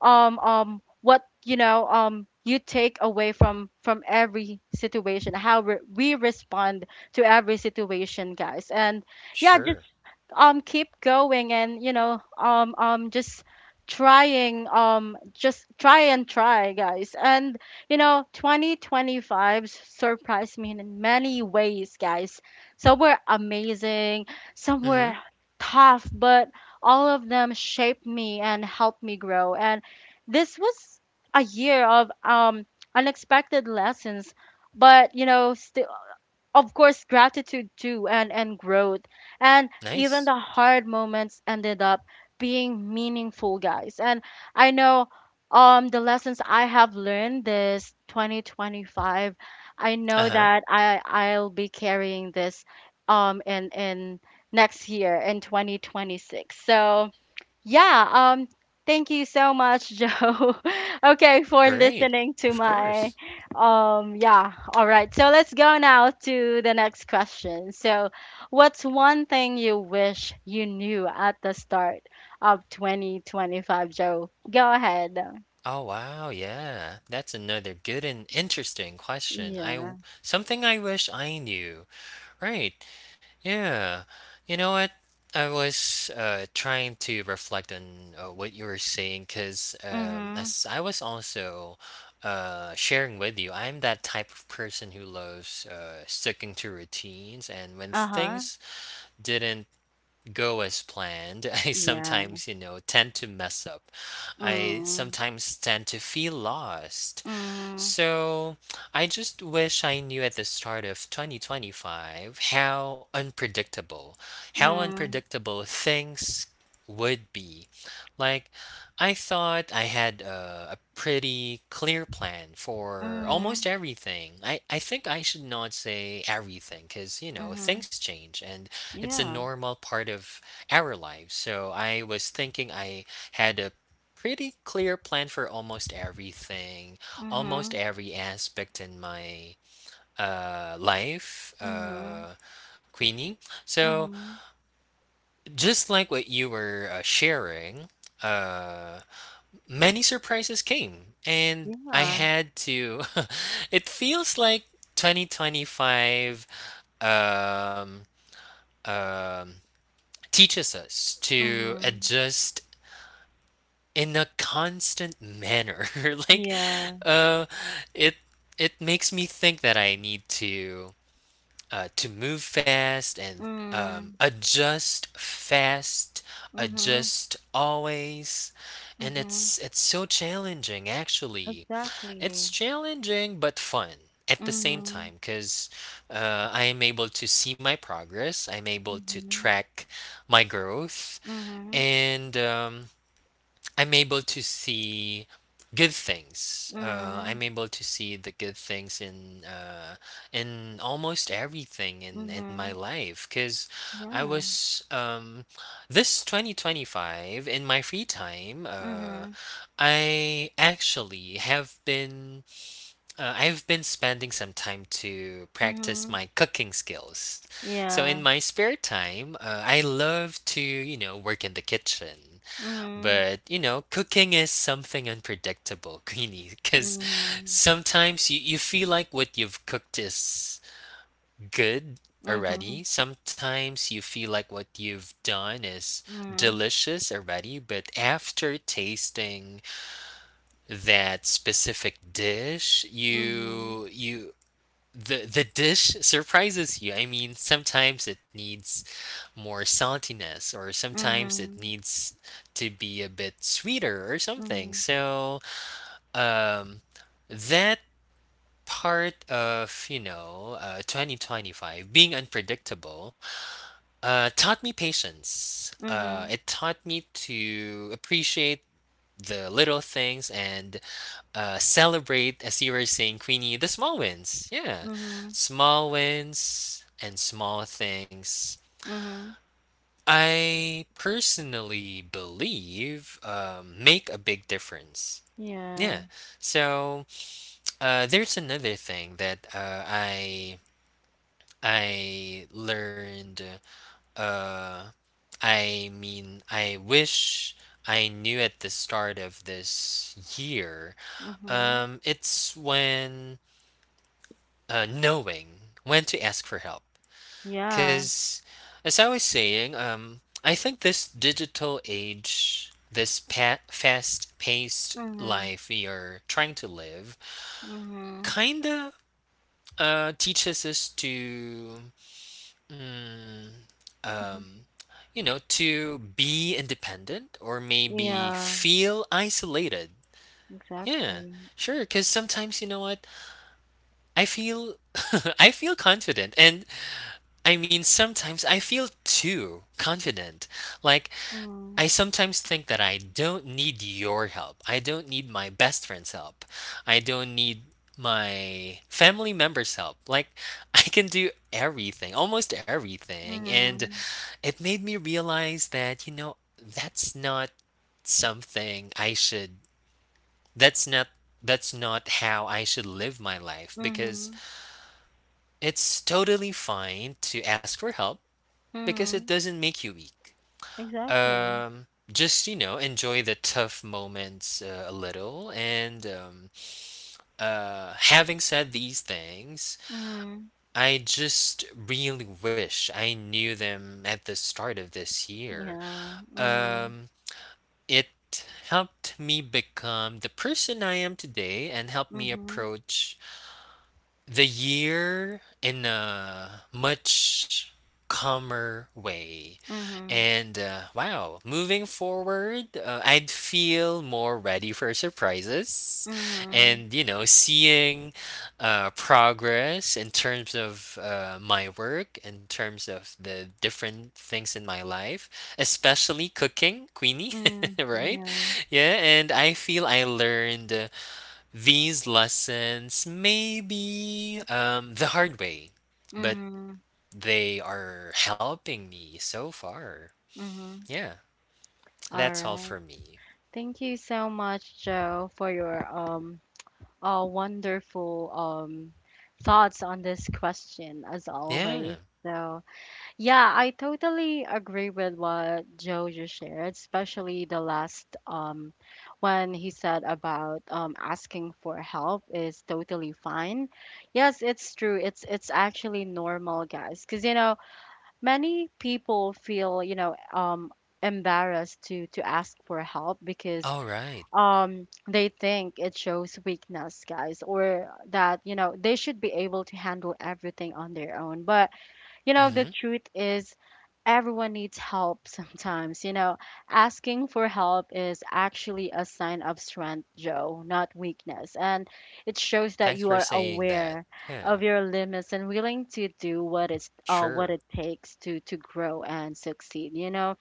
[SPEAKER 1] um um what you know um you take away from from every situation, how re- we respond to every situation, guys. And yeah, just
[SPEAKER 2] Sure.
[SPEAKER 1] um keep going. And you know um um just trying, um just try and try, guys. And you know, twenty twenty-five surprised me in many ways, guys. Some were amazing, some were
[SPEAKER 2] Mhm.
[SPEAKER 1] tough, but all of them shaped me and helped me grow. And this was a year of um unexpected lessons, but you know, of course, gratitude too, and and growth. And even
[SPEAKER 2] Nice.
[SPEAKER 1] the hard moments ended up being meaningful, guys. And I know um the lessons I have learned this twenty twenty-five, I know
[SPEAKER 2] Uh-huh.
[SPEAKER 1] that i i'll be carrying this um in in next year, in twenty twenty-six. So yeah, um, thank you so much, Joe. Okay, for
[SPEAKER 2] Great.
[SPEAKER 1] listening to
[SPEAKER 2] Of course.
[SPEAKER 1] my um yeah, all right. So let's go now to the next question. So, what's one thing you wish you knew at the start of twenty twenty-five, Joe? Go ahead.
[SPEAKER 2] Oh, wow. Yeah. That's another good and interesting question. I
[SPEAKER 1] Yeah.
[SPEAKER 2] w- something I wish I knew. Right. Yeah. You know what? I was uh, trying to reflect on uh, what you were saying because um,
[SPEAKER 1] Mhm.
[SPEAKER 2] as I was also uh, sharing with you, I'm that type of person who loves uh, sticking to routines. And when
[SPEAKER 1] Uh-huh.
[SPEAKER 2] things didn't go as planned, I
[SPEAKER 1] Yeah.
[SPEAKER 2] sometimes, you know, tend to mess up. I
[SPEAKER 1] Mm.
[SPEAKER 2] sometimes tend to feel lost.
[SPEAKER 1] Mm.
[SPEAKER 2] So I just wish I knew at the start of twenty twenty-five how unpredictable, how
[SPEAKER 1] Mm.
[SPEAKER 2] unpredictable things would be. Like, I thought I had a, a pretty clear plan for
[SPEAKER 1] Mhm.
[SPEAKER 2] almost everything. I, I think I should not say everything because, you know,
[SPEAKER 1] Mhm.
[SPEAKER 2] things change and it's a
[SPEAKER 1] Yeah.
[SPEAKER 2] normal part of our lives. So I was thinking I had a pretty clear plan for almost everything, almost
[SPEAKER 1] Mhm.
[SPEAKER 2] every aspect in my uh, life,
[SPEAKER 1] Mhm.
[SPEAKER 2] uh, Queenie. So
[SPEAKER 1] Mhm.
[SPEAKER 2] just like what you were uh, sharing, uh, many surprises came, and I
[SPEAKER 1] Yeah.
[SPEAKER 2] had to. It feels like twenty twenty-five. Um, um, teaches us to
[SPEAKER 1] Mhm.
[SPEAKER 2] adjust in a constant manner. Like,
[SPEAKER 1] Yeah.
[SPEAKER 2] uh, it it makes me think that I need to uh, to move fast and um,
[SPEAKER 1] Mm.
[SPEAKER 2] adjust fast,
[SPEAKER 1] Mhm.
[SPEAKER 2] adjust always, and
[SPEAKER 1] Mhm.
[SPEAKER 2] it's it's so challenging actually.
[SPEAKER 1] Exactly.
[SPEAKER 2] It's challenging but fun at the same
[SPEAKER 1] Mhm.
[SPEAKER 2] time because uh, I am able to see my progress. I'm able to
[SPEAKER 1] Mhm.
[SPEAKER 2] track my growth,
[SPEAKER 1] Mhm.
[SPEAKER 2] and um, I'm able to see good things. Uh,
[SPEAKER 1] Mhm.
[SPEAKER 2] I'm able to see the good things in uh, in almost everything in in my
[SPEAKER 1] Mhm.
[SPEAKER 2] life because I
[SPEAKER 1] Yeah.
[SPEAKER 2] was um, this twenty twenty-five in my free time. Uh,
[SPEAKER 1] Mhm.
[SPEAKER 2] I actually have been uh, I've been spending some time to practice
[SPEAKER 1] Mhm.
[SPEAKER 2] my cooking skills. So in
[SPEAKER 1] Yeah.
[SPEAKER 2] my spare time, uh, I love to, you know, work in the kitchen.
[SPEAKER 1] Mhm.
[SPEAKER 2] But, you know, cooking is something unpredictable, Queenie, because
[SPEAKER 1] Mhm.
[SPEAKER 2] sometimes you, you feel like what you've cooked is good already. Sometimes you feel like what you've done is
[SPEAKER 1] Mhm.
[SPEAKER 2] delicious already, but after tasting that specific dish
[SPEAKER 1] Mhm.
[SPEAKER 2] you you the the dish surprises you. I mean, sometimes it needs more saltiness, or sometimes it
[SPEAKER 1] Mhm.
[SPEAKER 2] needs to be a bit sweeter or something.
[SPEAKER 1] Mhm.
[SPEAKER 2] So, um, that part of you know uh, twenty twenty-five being unpredictable uh, taught me patience.
[SPEAKER 1] Mhm.
[SPEAKER 2] Uh,
[SPEAKER 1] Mhm.
[SPEAKER 2] it taught me to appreciate the little things and uh, celebrate, as you were saying, Queenie, the small wins. Yeah.
[SPEAKER 1] Mhm.
[SPEAKER 2] Small wins and small things.
[SPEAKER 1] Mhm.
[SPEAKER 2] I personally believe um, make a big difference. Yeah.
[SPEAKER 1] Yeah.
[SPEAKER 2] So uh, there's another thing that uh, I I learned. Uh, I mean, I wish I knew at the start of this year.
[SPEAKER 1] Mhm.
[SPEAKER 2] Um, it's when uh, knowing when to ask for help.
[SPEAKER 1] Yeah.
[SPEAKER 2] Because, as I was saying, um, I think this digital age, this pa- fast paced
[SPEAKER 1] Mhm.
[SPEAKER 2] life we are trying to live,
[SPEAKER 1] Mhm.
[SPEAKER 2] kind of uh, teaches us to, mm,
[SPEAKER 1] Mhm.
[SPEAKER 2] um, you know, to be independent or maybe
[SPEAKER 1] Yeah.
[SPEAKER 2] feel isolated. Yeah,
[SPEAKER 1] Exactly.
[SPEAKER 2] sure. Because sometimes, you know what? I feel I feel confident and I mean, sometimes I feel too confident. Like,
[SPEAKER 1] Mm.
[SPEAKER 2] I sometimes think that I don't need your help. I don't need my best friend's help. I don't need my family member's help. Like, I can do everything, almost everything. And
[SPEAKER 1] Mm.
[SPEAKER 2] it made me realize that, you know, that's not something I should, that's not. That's not how I should live my life because
[SPEAKER 1] Mhm,
[SPEAKER 2] it's totally fine to ask for help because it
[SPEAKER 1] mhm,
[SPEAKER 2] doesn't make you weak.
[SPEAKER 1] exactly.
[SPEAKER 2] Um, just you know, enjoy the tough moments uh, a little. And um, uh, having said these things,
[SPEAKER 1] Mhm,
[SPEAKER 2] I just really wish I knew them at the start of this year.
[SPEAKER 1] yeah, mhm,
[SPEAKER 2] Um, it helped me become the person I am today and helped me
[SPEAKER 1] mhm,
[SPEAKER 2] approach the year in a much calmer way.
[SPEAKER 1] mhm,
[SPEAKER 2] And uh, wow, moving forward, uh, I'd feel more ready for surprises.
[SPEAKER 1] mhm,
[SPEAKER 2] And, you know, seeing uh, progress in terms of uh, my work, in terms of the different things in my life, especially cooking, Queenie,
[SPEAKER 1] mm,
[SPEAKER 2] right?
[SPEAKER 1] yeah,
[SPEAKER 2] Yeah, and I feel I learned these lessons may be um, the hard way, but
[SPEAKER 1] mhm,
[SPEAKER 2] they are helping me so far.
[SPEAKER 1] mhm.
[SPEAKER 2] Yeah,
[SPEAKER 1] All
[SPEAKER 2] that's all
[SPEAKER 1] right.
[SPEAKER 2] for me.
[SPEAKER 1] Thank you so much, Joe, for your um uh wonderful um thoughts on this question as always.
[SPEAKER 2] Yeah.
[SPEAKER 1] So yeah, I totally agree with what Joe just shared, especially the last um when he said about um asking for help is totally fine. Yes, it's true. It's it's actually normal, guys, because you know, many people feel, you know, um embarrassed to to ask for help because
[SPEAKER 2] All right.
[SPEAKER 1] um they think it shows weakness, guys, or that, you know, they should be able to handle everything on their own. But you know, the
[SPEAKER 2] Mm-hmm.
[SPEAKER 1] truth is everyone needs help sometimes. You know, asking for help is actually a sign of strength, Joe, not weakness. And it shows that
[SPEAKER 2] Thanks
[SPEAKER 1] you
[SPEAKER 2] for
[SPEAKER 1] are
[SPEAKER 2] saying that.
[SPEAKER 1] aware
[SPEAKER 2] Yeah.
[SPEAKER 1] of your limits and willing to do what it's uh, what
[SPEAKER 2] Sure.
[SPEAKER 1] it takes to to grow and succeed, you know.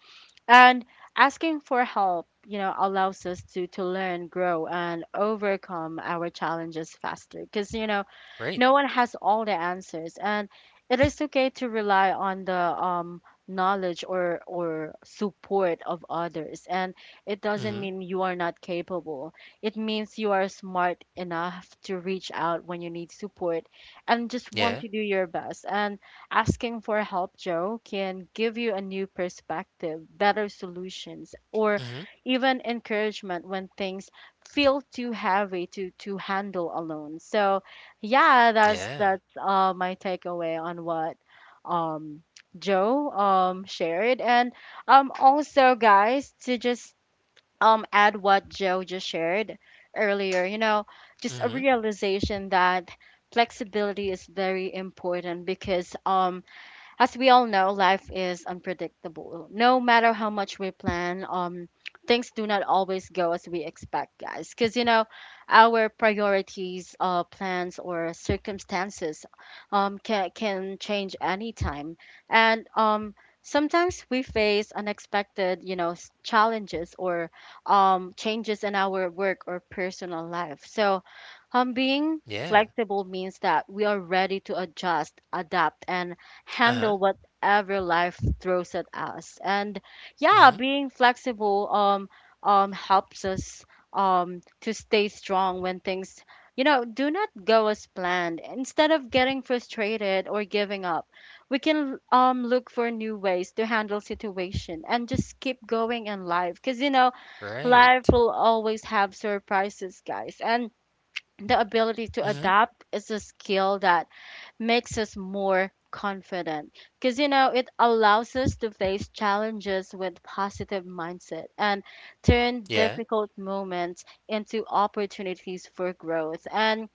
[SPEAKER 1] And asking for help, you know, allows us to to learn, grow, and overcome our challenges faster. Cuz you know,
[SPEAKER 2] Great.
[SPEAKER 1] no one has all the answers, and it is okay to rely on the um, knowledge or or support of others. And it doesn't
[SPEAKER 2] Mm-hmm.
[SPEAKER 1] mean you are not capable. It means you are smart enough to reach out when you need support, and just want
[SPEAKER 2] Yeah.
[SPEAKER 1] to do your best. And asking for help, Joe, can give you a new perspective, better solutions, or
[SPEAKER 2] Mm-hmm.
[SPEAKER 1] even encouragement when things feel too heavy to to handle alone. So yeah, that's
[SPEAKER 2] Yeah.
[SPEAKER 1] that's uh my takeaway on what um Joe um shared. And um also, guys, to just um add what Joe just shared earlier, you know just a
[SPEAKER 2] Mm-hmm.
[SPEAKER 1] realization that flexibility is very important, because um as we all know, life is unpredictable. No matter how much we plan, um, things do not always go as we expect, guys. Because you know, our priorities, uh, plans or circumstances, um, can can change anytime, and um. Sometimes we face unexpected, you know, s- challenges or um, changes in our work or personal life. So, um, being
[SPEAKER 2] Yeah.
[SPEAKER 1] flexible means that we are ready to adjust, adapt, and
[SPEAKER 2] Uh-huh.
[SPEAKER 1] handle whatever life throws at us. And yeah,
[SPEAKER 2] Mm-hmm.
[SPEAKER 1] being flexible um um helps us um to stay strong when things, you know, do not go as planned. Instead of getting frustrated or giving up, we can um look for new ways to handle situation and just keep going in life, because you know life
[SPEAKER 2] Right.
[SPEAKER 1] will always have surprises, guys. And the ability to
[SPEAKER 2] Mm-hmm.
[SPEAKER 1] adapt is a skill that makes us more confident, because you know it allows us to face challenges with positive mindset and turn
[SPEAKER 2] Yeah.
[SPEAKER 1] difficult moments into opportunities for growth. And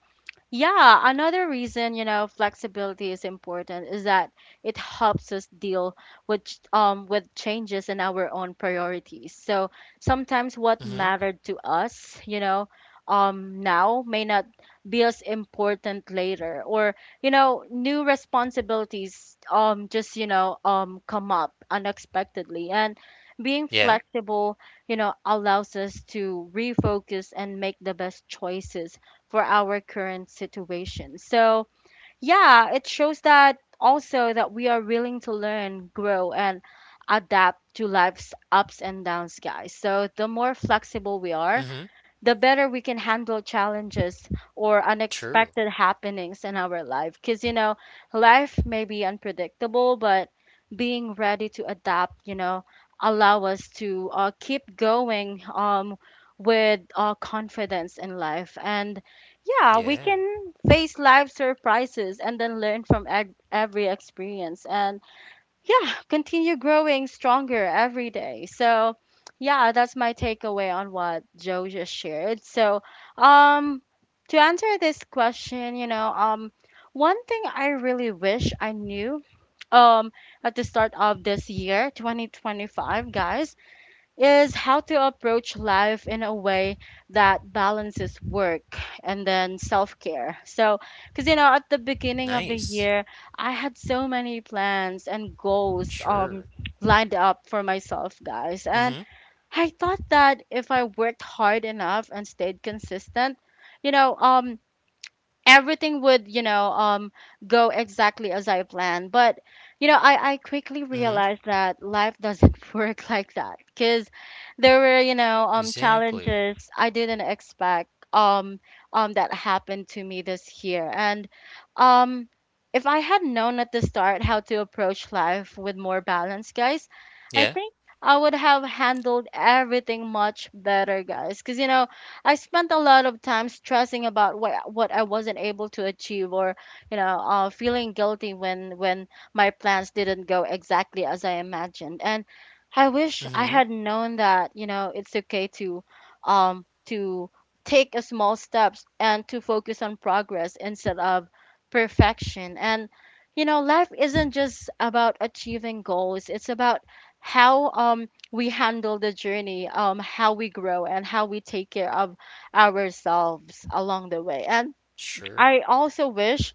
[SPEAKER 1] yeah, another reason, you know, flexibility is important is that it helps us deal with ch- um with changes in our own priorities. So sometimes what
[SPEAKER 2] Mm-hmm.
[SPEAKER 1] mattered to us, you know, um now may not be as important later, or you know, new responsibilities um just, you know, um come up unexpectedly, and being
[SPEAKER 2] Yeah.
[SPEAKER 1] flexible, you know, allows us to refocus and make the best choices for our current situation. So, yeah, it shows that also that we are willing to learn, grow, and adapt to life's ups and downs, guys. So, the more flexible we are,
[SPEAKER 2] Mm-hmm.
[SPEAKER 1] the better we can handle challenges or
[SPEAKER 2] True.
[SPEAKER 1] unexpected happenings in our life. Because, you know, life may be unpredictable, but being ready to adapt, you know, allow us to uh, keep going um, with uh, confidence in life. And yeah, we
[SPEAKER 2] Yeah.
[SPEAKER 1] can face life surprises and then learn from ev- every experience. And yeah, continue growing stronger every day. So, yeah, that's my takeaway on what Joe just shared. So, um, to answer this question, you know, um, one thing I really wish I knew, um, at the start of this year, twenty twenty-five, guys, is how to approach life in a way that balances work and then self-care. So, because you know, at the beginning of the
[SPEAKER 2] Nice.
[SPEAKER 1] year, I had so many plans and goals
[SPEAKER 2] Sure.
[SPEAKER 1] um lined up for myself, guys. And
[SPEAKER 2] Mm-hmm.
[SPEAKER 1] I thought that if I worked hard enough and stayed consistent, you know, um everything would, you know, um go exactly as I planned. But you know, i i quickly
[SPEAKER 2] Mm-hmm.
[SPEAKER 1] realized that life doesn't work like that, because there were, you know, um
[SPEAKER 2] Exactly.
[SPEAKER 1] challenges I didn't expect, um um that happened to me this year. And um if I had known at the start how to approach life with more balance, guys, I
[SPEAKER 2] Yeah.
[SPEAKER 1] think I would have handled everything much better, guys, because you know I spent a lot of time stressing about what what I wasn't able to achieve, or you know, uh, feeling guilty when when my plans didn't go exactly as I imagined. And I wish I
[SPEAKER 2] Mhm.
[SPEAKER 1] had known that, you know, it's okay to um to take a small steps and to focus on progress instead of perfection. And you know, life isn't just about achieving goals. It's about how, um we handle the journey, um, how we grow and how we take care of ourselves along the way. And
[SPEAKER 2] Sure.
[SPEAKER 1] I also wish,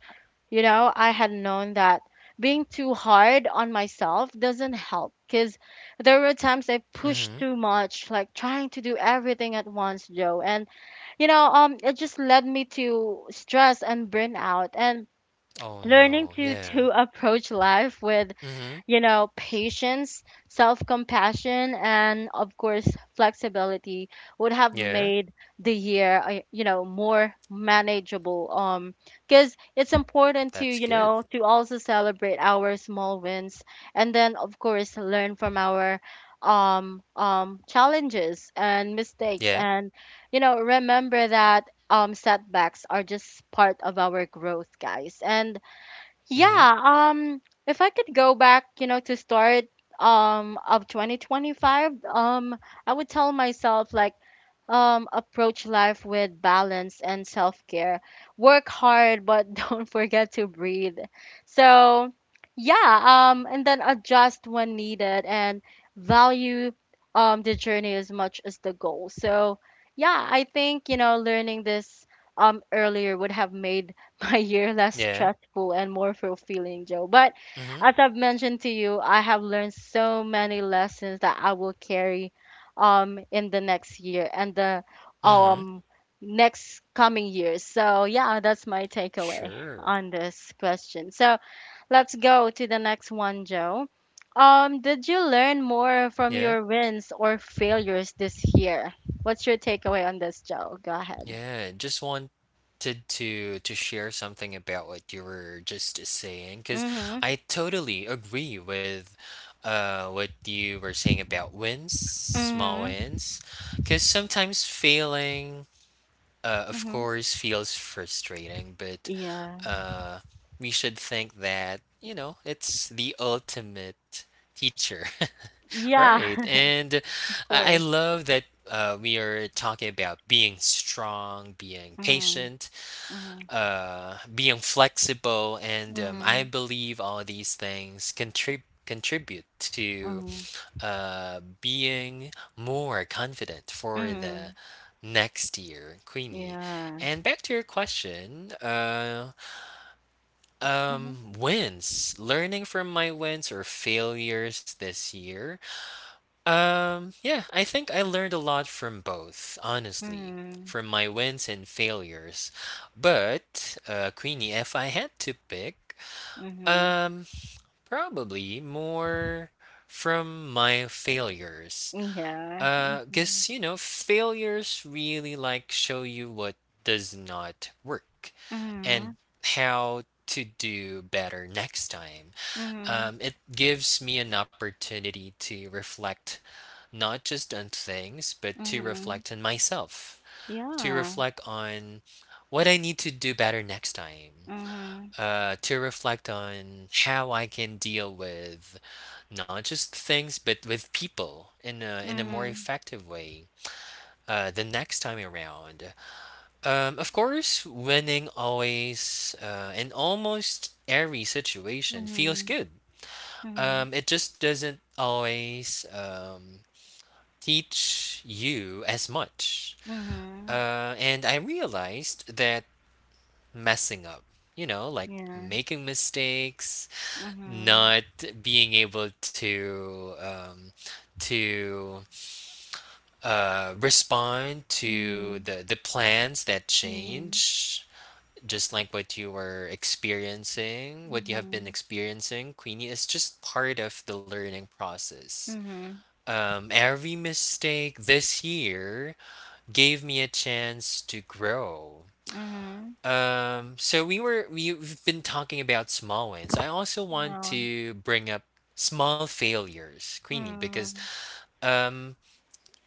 [SPEAKER 1] you know, I had known that being too hard on myself doesn't help, because there were times I pushed
[SPEAKER 2] Mhm.
[SPEAKER 1] too much, like trying to do everything at once, Joe. And, you know, um, it just led me to stress and burnout, and
[SPEAKER 2] Oh,
[SPEAKER 1] learning
[SPEAKER 2] no.
[SPEAKER 1] to
[SPEAKER 2] Yeah.
[SPEAKER 1] to approach life with,
[SPEAKER 2] Mhm.
[SPEAKER 1] you know, patience, self compassion, and of course, flexibility would have
[SPEAKER 2] Yeah.
[SPEAKER 1] made the year, uh, you know, more manageable. Um, because it's important to,
[SPEAKER 2] That's
[SPEAKER 1] you
[SPEAKER 2] good.
[SPEAKER 1] know, to also celebrate our small wins, and then, of course, learn from our um um challenges and mistakes,
[SPEAKER 2] Yeah.
[SPEAKER 1] and you know, remember that um setbacks are just part of our growth, guys. And
[SPEAKER 2] Mhm.
[SPEAKER 1] yeah, um if I could go back, you know, to start um of twenty twenty-five, um I would tell myself like, um, approach life with balance and self care. Work hard, but don't forget to breathe. So, yeah, um, and then adjust when needed, and value um, the journey as much as the goal. So, yeah, I think, you know, learning this um, earlier would have made my year less
[SPEAKER 2] Yeah.
[SPEAKER 1] stressful and more fulfilling, Joe. But
[SPEAKER 2] Mhm.
[SPEAKER 1] as I've mentioned to you, I have learned so many lessons that I will carry um in the next year and the
[SPEAKER 2] Mhm.
[SPEAKER 1] um next coming years. So yeah, that's my takeaway
[SPEAKER 2] Sure.
[SPEAKER 1] on this question. So let's go to the next one, Joe. Um, did you learn more from
[SPEAKER 2] Yeah.
[SPEAKER 1] your wins or failures this year? What's your takeaway on this, Joe? Go ahead.
[SPEAKER 2] Yeah. Just wanted to to share something about what you were just saying, because
[SPEAKER 1] Mhm.
[SPEAKER 2] I totally agree with uh what you were saying about wins, small
[SPEAKER 1] Mhm.
[SPEAKER 2] wins, because sometimes failing, uh, of
[SPEAKER 1] Mhm.
[SPEAKER 2] course, feels frustrating, but
[SPEAKER 1] Yeah.
[SPEAKER 2] uh, we should think that, you know, it's the ultimate teacher.
[SPEAKER 1] Yeah.
[SPEAKER 2] Right. And
[SPEAKER 1] Of
[SPEAKER 2] I I
[SPEAKER 1] course.
[SPEAKER 2] love that uh, we are talking about being strong, being
[SPEAKER 1] Mhm.
[SPEAKER 2] patient,
[SPEAKER 1] Mhm.
[SPEAKER 2] uh, being flexible. And um, I
[SPEAKER 1] Mhm.
[SPEAKER 2] believe all these things contribute. Contribute to
[SPEAKER 1] Mhm.
[SPEAKER 2] uh, being more confident for the
[SPEAKER 1] Mhm.
[SPEAKER 2] next year, Queenie.
[SPEAKER 1] Yeah.
[SPEAKER 2] And back to your question, uh,
[SPEAKER 1] Mhm.
[SPEAKER 2] um, wins. Learning from my wins or failures this year. Um, yeah, I think I learned a lot from both, honestly,
[SPEAKER 1] Mhm.
[SPEAKER 2] from my wins and failures. But, uh, Queenie, if I had to pick,
[SPEAKER 1] Mhm.
[SPEAKER 2] um, probably more from my failures.
[SPEAKER 1] Yeah.
[SPEAKER 2] Uh,
[SPEAKER 1] Mhm.
[SPEAKER 2] guess you know, failures really like show you what does not work and
[SPEAKER 1] Mhm.
[SPEAKER 2] how to do better next time.
[SPEAKER 1] Mhm.
[SPEAKER 2] Um, it gives me an opportunity to reflect not just on things, but to
[SPEAKER 1] Mhm.
[SPEAKER 2] reflect on myself, to
[SPEAKER 1] Yeah.
[SPEAKER 2] reflect on what I need to do better next time,
[SPEAKER 1] Mhm.
[SPEAKER 2] uh, to reflect on how I can deal with not just things, but with people in a, in a more
[SPEAKER 1] Mhm.
[SPEAKER 2] effective way uh, the next time around. Um, of course, winning always uh, in almost every situation feels
[SPEAKER 1] Mhm.
[SPEAKER 2] good.
[SPEAKER 1] Mhm.
[SPEAKER 2] Um, it just doesn't always um, teach you as much.
[SPEAKER 1] Mhm.
[SPEAKER 2] Uh, and I realized that messing up, you know, like
[SPEAKER 1] Yeah.
[SPEAKER 2] making mistakes,
[SPEAKER 1] Mhm.
[SPEAKER 2] not being able to um, to uh, respond to
[SPEAKER 1] Mhm.
[SPEAKER 2] the the plans that change just like what you were experiencing, what you have been
[SPEAKER 1] Mhm.
[SPEAKER 2] experiencing, Queenie, is just part of the learning process.
[SPEAKER 1] Mhm.
[SPEAKER 2] Um, every mistake this year gave me a chance to grow.
[SPEAKER 1] Mhm. Mhm.
[SPEAKER 2] Um, so we were we- have been talking about small wins. I also want
[SPEAKER 1] Yeah.
[SPEAKER 2] to bring up small failures, Queenie, because
[SPEAKER 1] Mhm.
[SPEAKER 2] um,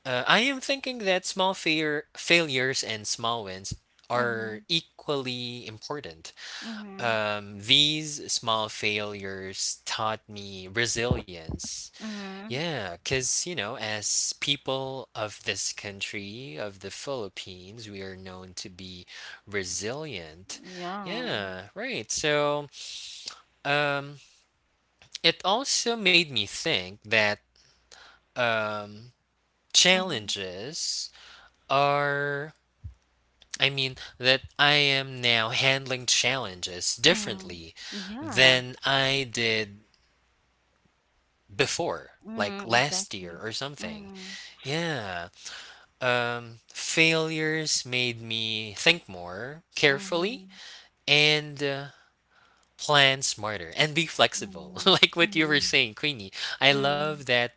[SPEAKER 2] uh, I am thinking that small failure failures and small wins are
[SPEAKER 1] Mhm.
[SPEAKER 2] equally important
[SPEAKER 1] Mhm.
[SPEAKER 2] um, these small failures taught me resilience.
[SPEAKER 1] Mhm.
[SPEAKER 2] Yeah, because, you know, as people of this country, of the Philippines, we are known to be resilient.
[SPEAKER 1] Yeah.
[SPEAKER 2] Yeah, right. So, um, it also made me think that um,
[SPEAKER 1] Mhm.
[SPEAKER 2] challenges are, I mean, that I am now handling challenges
[SPEAKER 1] Mhm.
[SPEAKER 2] differently
[SPEAKER 1] Yeah.
[SPEAKER 2] than I did before, like
[SPEAKER 1] Mhm.
[SPEAKER 2] last year
[SPEAKER 1] Exactly.
[SPEAKER 2] or something.
[SPEAKER 1] Mhm.
[SPEAKER 2] Yeah. Um, failures made me think more carefully
[SPEAKER 1] Mhm.
[SPEAKER 2] and uh, plan smarter and be flexible.
[SPEAKER 1] Mhm.
[SPEAKER 2] Like what you were
[SPEAKER 1] Mhm.
[SPEAKER 2] saying, Queenie. I love
[SPEAKER 1] Mhm.
[SPEAKER 2] that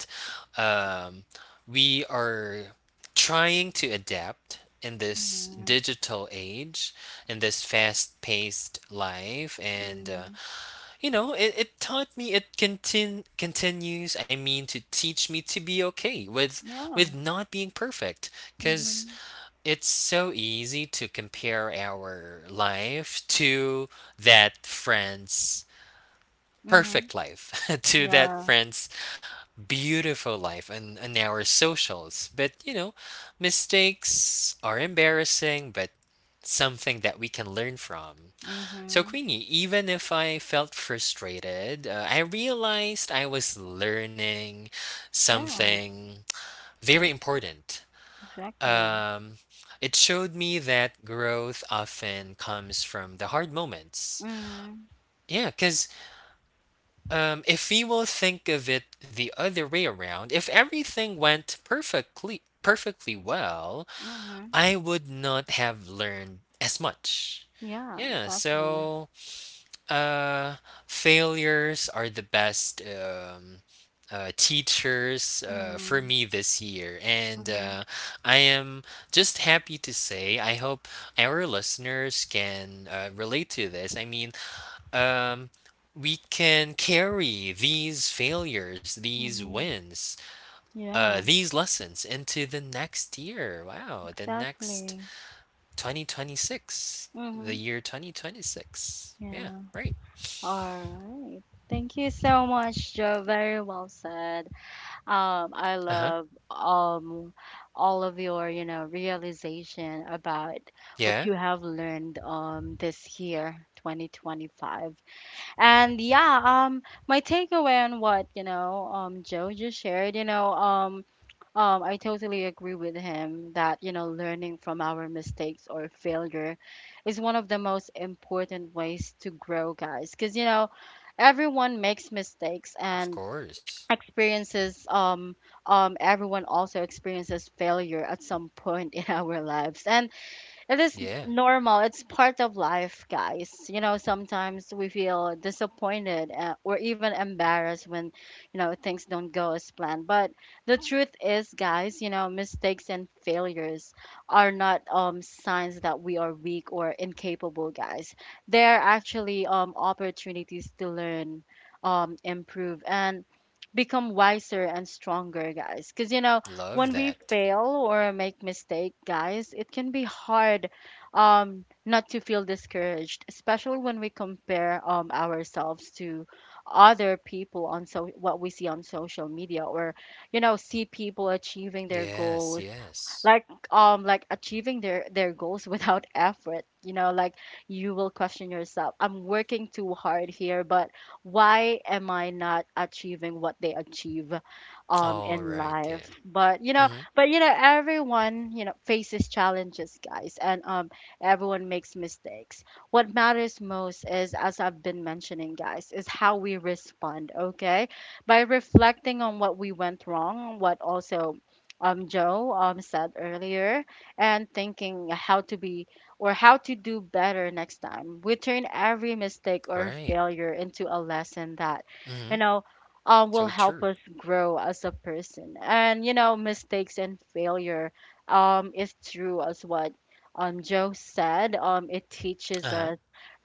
[SPEAKER 2] um, we are trying to adapt in this
[SPEAKER 1] Mhm.
[SPEAKER 2] digital age, in this fast paced life. And uh,
[SPEAKER 1] Mhm.
[SPEAKER 2] you know, it, it taught me it contin- continues, I mean, to teach me to be okay with with
[SPEAKER 1] Yeah.
[SPEAKER 2] not being perfect cuz
[SPEAKER 1] Mhm.
[SPEAKER 2] it's so easy to compare our life to that friend's
[SPEAKER 1] Mhm.
[SPEAKER 2] perfect life, to that
[SPEAKER 1] Yeah.
[SPEAKER 2] friend's beautiful life and, and our socials. But, you know, mistakes are embarrassing, but something that we can learn from. So,
[SPEAKER 1] Mhm.
[SPEAKER 2] Queenie, even if I felt frustrated, uh, I realized I was learning
[SPEAKER 1] Yeah.
[SPEAKER 2] something very important.
[SPEAKER 1] Exactly.
[SPEAKER 2] Um, it showed me that growth often comes from the hard moments.
[SPEAKER 1] Mhm.
[SPEAKER 2] Yeah, because um, if we will think of it the other way around, if everything went perfectly, perfectly well,
[SPEAKER 1] Mhm.
[SPEAKER 2] I would not have learned as much.
[SPEAKER 1] Yeah.
[SPEAKER 2] Yeah,
[SPEAKER 1] Exactly.
[SPEAKER 2] so Uh, failures are the best um, uh, teachers uh, for
[SPEAKER 1] Mhm.
[SPEAKER 2] me this year. And
[SPEAKER 1] Mhm.
[SPEAKER 2] uh, I am just happy to say, I hope our listeners can uh, relate to this. I mean, um, we can carry these failures, these
[SPEAKER 1] Mhm.
[SPEAKER 2] wins, uh,
[SPEAKER 1] Yeah.
[SPEAKER 2] these lessons into the next year. Wow, the next
[SPEAKER 1] Exactly.
[SPEAKER 2] twenty twenty-six,
[SPEAKER 1] Mhm.
[SPEAKER 2] the year twenty twenty-six. Yeah,
[SPEAKER 1] Yeah.
[SPEAKER 2] right.
[SPEAKER 1] All right. Thank you so much, Joe. Very well said. Um, I
[SPEAKER 2] Uh huh.
[SPEAKER 1] love um all of your, you know, realization about what you
[SPEAKER 2] Yeah.
[SPEAKER 1] have learned um this year, twenty twenty-five. And yeah, um, my takeaway on what, you know, um, Joe just shared, you know, um, um, I totally agree with him that, you know, learning from our mistakes or failure is one of the most important ways to grow, guys. Because, you know, everyone makes mistakes
[SPEAKER 2] Of
[SPEAKER 1] and
[SPEAKER 2] course.
[SPEAKER 1] experiences, um, um, everyone also experiences failure at some point in our lives. And it is
[SPEAKER 2] Yeah.
[SPEAKER 1] normal. It's part of life, guys. You know, sometimes we feel disappointed, uh, or even embarrassed when, you know, things don't go as planned. But the truth is, guys, you know, mistakes and failures are not um signs that we are weak or incapable, guys. They are actually um opportunities to learn, um improve and become wiser and stronger, guys. Cuz you know,
[SPEAKER 2] Love
[SPEAKER 1] when we
[SPEAKER 2] that.
[SPEAKER 1] fail or make mistake, guys, it can be hard, um, not to feel discouraged, especially when we compare, um, ourselves to other people on so what we see on social media, or you know, see people achieving their
[SPEAKER 2] Yes,
[SPEAKER 1] goals,
[SPEAKER 2] yes.
[SPEAKER 1] like um like achieving their their goals without effort, you know, like you will question yourself, I'm working too hard here, but why am I not achieving what they achieve um
[SPEAKER 2] All
[SPEAKER 1] in
[SPEAKER 2] right.
[SPEAKER 1] life.
[SPEAKER 2] Yeah.
[SPEAKER 1] But you know,
[SPEAKER 2] Mm-hmm.
[SPEAKER 1] but you know, everyone, you know, faces challenges, guys. And um everyone makes mistakes. What matters most is, as I've been mentioning, guys, is how we respond. Okay, by reflecting on what we went wrong, what also um, Joe um, said earlier, and thinking how to be or how to do better next time. We turn every mistake or
[SPEAKER 2] Right.
[SPEAKER 1] failure into a lesson that, you
[SPEAKER 2] Mm-hmm.
[SPEAKER 1] know, um, will
[SPEAKER 2] So
[SPEAKER 1] help
[SPEAKER 2] true.
[SPEAKER 1] us grow as a person. And, you know, mistakes and failure, um, is true as what um, Joe said. Um, it teaches
[SPEAKER 2] Uh-huh.
[SPEAKER 1] us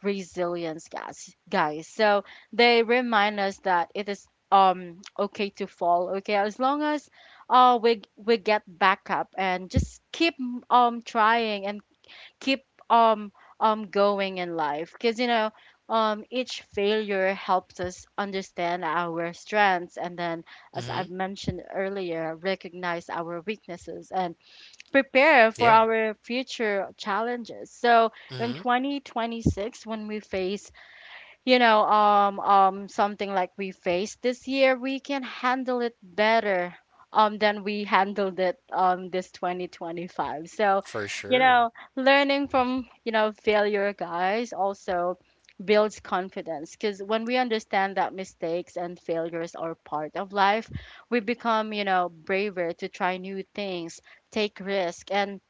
[SPEAKER 1] resilience, guys. Guys, so they remind us that it is um okay to fall. Okay, as long as oh we we get back up and just keep um trying and keep um um going in life, because you know um each failure helps us understand our strengths, and then as
[SPEAKER 2] Mm-hmm.
[SPEAKER 1] I've mentioned earlier, recognize our weaknesses and prepare for
[SPEAKER 2] Yeah.
[SPEAKER 1] our future challenges. So in
[SPEAKER 2] Mm-hmm.
[SPEAKER 1] twenty twenty-six, when we face, you know, um, um, something like we faced this year, we can handle it better, um, than we handled it, um, this twenty twenty-five. So,
[SPEAKER 2] For
[SPEAKER 1] you know,
[SPEAKER 2] sure.
[SPEAKER 1] learning from, you know, failure, guys, also builds confidence, because when we understand that mistakes and failures are part of life, we become, you know, braver to try new things, take risk, and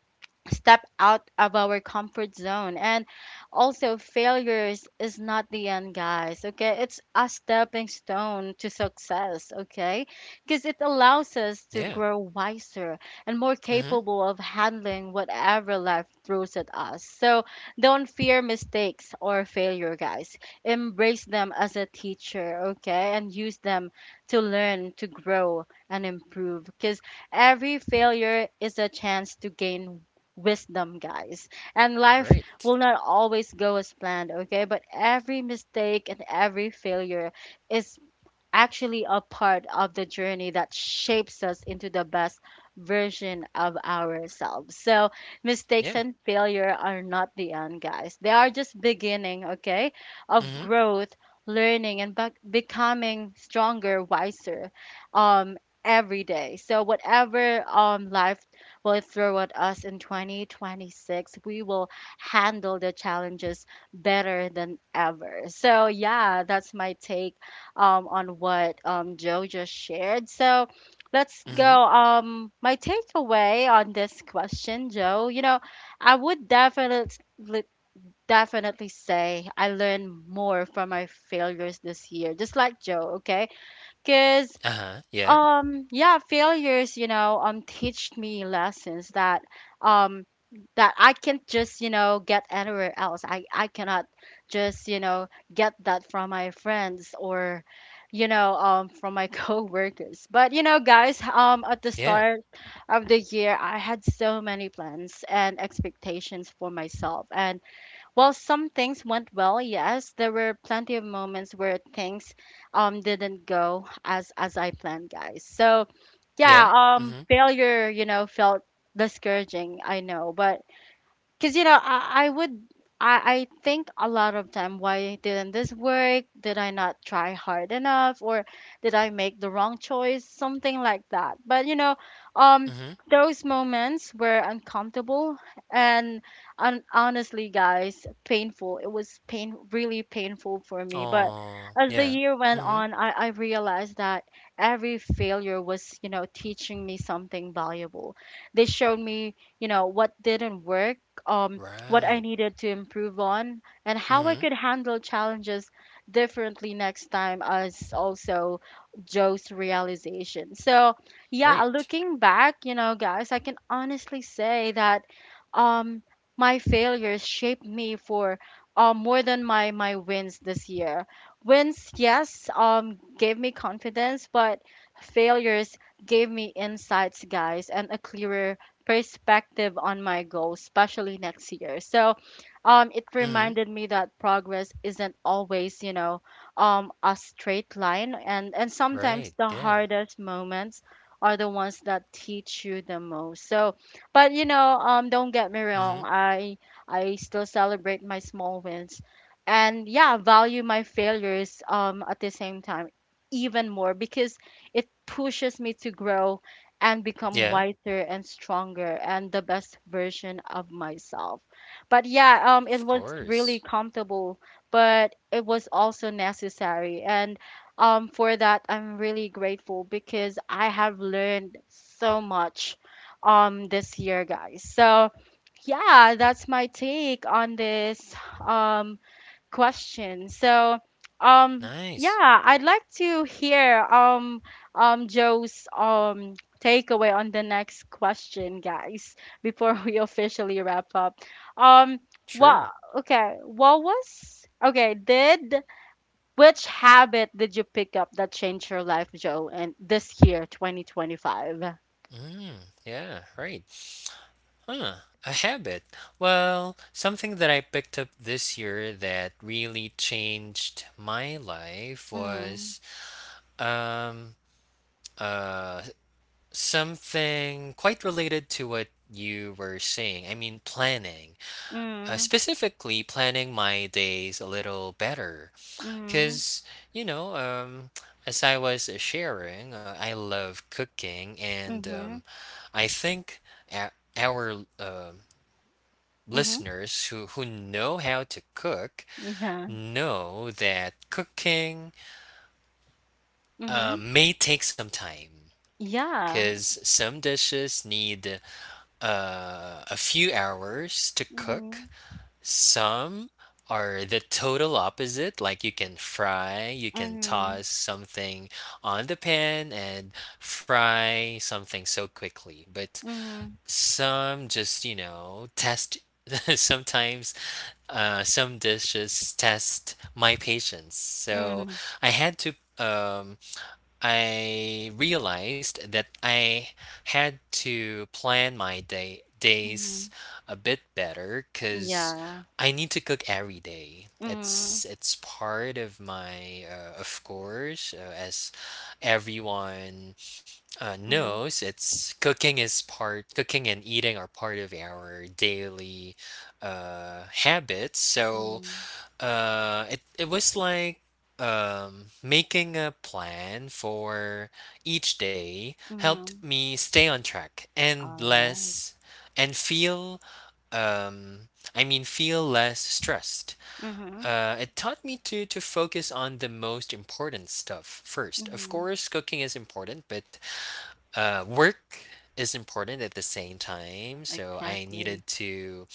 [SPEAKER 1] step out of our comfort zone. And also failures is not the end, guys. Okay, it's a stepping stone to success, okay, because it allows us to
[SPEAKER 2] Yeah.
[SPEAKER 1] grow wiser and more
[SPEAKER 2] Mm-hmm.
[SPEAKER 1] capable of handling whatever life throws at us. So don't fear mistakes or failure, guys. Embrace them as a teacher, okay, and use them to learn, to grow and improve, because every failure is a chance to gain wisdom, guys. And life
[SPEAKER 2] Right.
[SPEAKER 1] will not always go as planned, okay? But every mistake and every failure is actually a part of the journey that shapes us into the best version of ourselves. So, mistakes
[SPEAKER 2] Yeah.
[SPEAKER 1] and failure are not the end, guys. They are just beginning, okay, of
[SPEAKER 2] Mm-hmm.
[SPEAKER 1] growth, learning, and bec- becoming stronger, wiser, um, every day. So, whatever um life will throw at us in twenty twenty-six, we will handle the challenges better than ever. So, yeah, that's my take um, on what um, Joe just shared. So let's go.
[SPEAKER 2] Mm-hmm.
[SPEAKER 1] Um, my takeaway on this question, Joe, you know, I would definitely definitely say I learned more from my failures this year, just like Joe, okay? Because
[SPEAKER 2] Uh-huh. Yeah.
[SPEAKER 1] um yeah, failures, you know um teach me lessons that um that I can't just, you know, get anywhere else. I i cannot just, you know, get that from my friends or, you know, um from my coworkers. But you know, guys, um at the
[SPEAKER 2] Yeah.
[SPEAKER 1] start of the year, I had so many plans and expectations for myself, and while some things went well, yes, there were plenty of moments where things um didn't go as as I planned, guys. So,
[SPEAKER 2] Yeah.
[SPEAKER 1] yeah, um
[SPEAKER 2] Mm-hmm.
[SPEAKER 1] failure, you know, felt discouraging, I know, but because you know, I, I would I, I think a lot of time, why didn't this work? Did I not try hard enough, or did I make the wrong choice? Something like that. But you know, um
[SPEAKER 2] Mm-hmm.
[SPEAKER 1] those moments were uncomfortable and un- honestly, guys, painful. It was pain, really painful for me, but
[SPEAKER 2] Oh,
[SPEAKER 1] as the
[SPEAKER 2] yeah.
[SPEAKER 1] year went
[SPEAKER 2] Mm-hmm.
[SPEAKER 1] on, I, I realized that every failure was, you know, teaching me something valuable. They showed me, you know, what didn't work, um, what I
[SPEAKER 2] Right.
[SPEAKER 1] needed to improve on, and how I
[SPEAKER 2] Mm-hmm.
[SPEAKER 1] could handle challenges differently next time, as also Joe's realization. So, yeah,
[SPEAKER 2] Right.
[SPEAKER 1] looking back, you know, guys, I can honestly say that um, my failures shaped me for um, more than my, my wins this year. Wins, yes, um, gave me confidence, but failures gave me insights, guys, and a clearer perspective on my goals, especially next year. So, um, it
[SPEAKER 2] Mm-hmm.
[SPEAKER 1] reminded me that progress isn't always, you know, um, a straight line, and and sometimes
[SPEAKER 2] Right.
[SPEAKER 1] the
[SPEAKER 2] Yeah.
[SPEAKER 1] hardest moments are the ones that teach you the most. So, but you know, um, don't get me wrong,
[SPEAKER 2] Mm-hmm.
[SPEAKER 1] I I still celebrate my small wins, and yeah, value my failures um at the same time even more because it pushes me to grow and become
[SPEAKER 2] Yeah. Of
[SPEAKER 1] wiser and stronger and the best version of myself. But yeah, um, it was really
[SPEAKER 2] course.
[SPEAKER 1] comfortable, but it was also necessary. And um, for that, I'm really grateful because I have learned so much um this year, guys. So yeah, that's my take on this um question. So, um,
[SPEAKER 2] Nice.
[SPEAKER 1] yeah, I'd like to hear um um Joe's um takeaway on the next question, guys, before we officially wrap up. Um, what
[SPEAKER 2] Sure.
[SPEAKER 1] okay, what was okay, did which habit did you pick up that changed your life, Joe, and this year, twenty twenty-five?
[SPEAKER 2] Mm, yeah, right. Huh, a habit. Well, something that I picked up this year that really changed my life
[SPEAKER 1] Mm,
[SPEAKER 2] was um uh something quite related to what you were saying. I mean, planning. Uh,
[SPEAKER 1] mm,
[SPEAKER 2] specifically planning my days a little better
[SPEAKER 1] mm,
[SPEAKER 2] cuz you know, um as I was sharing, uh, I love cooking and
[SPEAKER 1] mm-hmm,
[SPEAKER 2] um I think a- our um
[SPEAKER 1] mm-hmm,
[SPEAKER 2] listeners who, who know how to cook
[SPEAKER 1] yeah,
[SPEAKER 2] know that cooking
[SPEAKER 1] mm-hmm,
[SPEAKER 2] uh, may take some time
[SPEAKER 1] yeah,
[SPEAKER 2] because some dishes need uh, a few hours to cook.
[SPEAKER 1] mm-hmm.
[SPEAKER 2] Some are the total opposite, like you can fry, you can
[SPEAKER 1] Mm-hmm.
[SPEAKER 2] toss something on the pan and fry something so quickly. But
[SPEAKER 1] Mhm,
[SPEAKER 2] some just, you know, test sometimes Uh, some dishes test my patience. So
[SPEAKER 1] mhm,
[SPEAKER 2] I had to, um, I realized that I had to plan my day days
[SPEAKER 1] mhm.
[SPEAKER 2] a bit better because
[SPEAKER 1] Yeah.
[SPEAKER 2] I need to cook every day.
[SPEAKER 1] Mhm,
[SPEAKER 2] It's it's part of my, uh, of course, uh, as everyone uh, no,
[SPEAKER 1] mhm,
[SPEAKER 2] it's it's- cooking is part cooking and eating are part of our daily uh habits. So
[SPEAKER 1] mhm,
[SPEAKER 2] uh it it was like um making a plan for each day helped
[SPEAKER 1] mhm.
[SPEAKER 2] me stay on track and
[SPEAKER 1] All right.
[SPEAKER 2] less and feel um I mean feel less stressed.
[SPEAKER 1] Mhm,
[SPEAKER 2] Uh, it taught me to to focus on the most important stuff first. Of
[SPEAKER 1] mhm.
[SPEAKER 2] course, cooking is important, but uh, work is important at the same time so I
[SPEAKER 1] Exactly.
[SPEAKER 2] needed to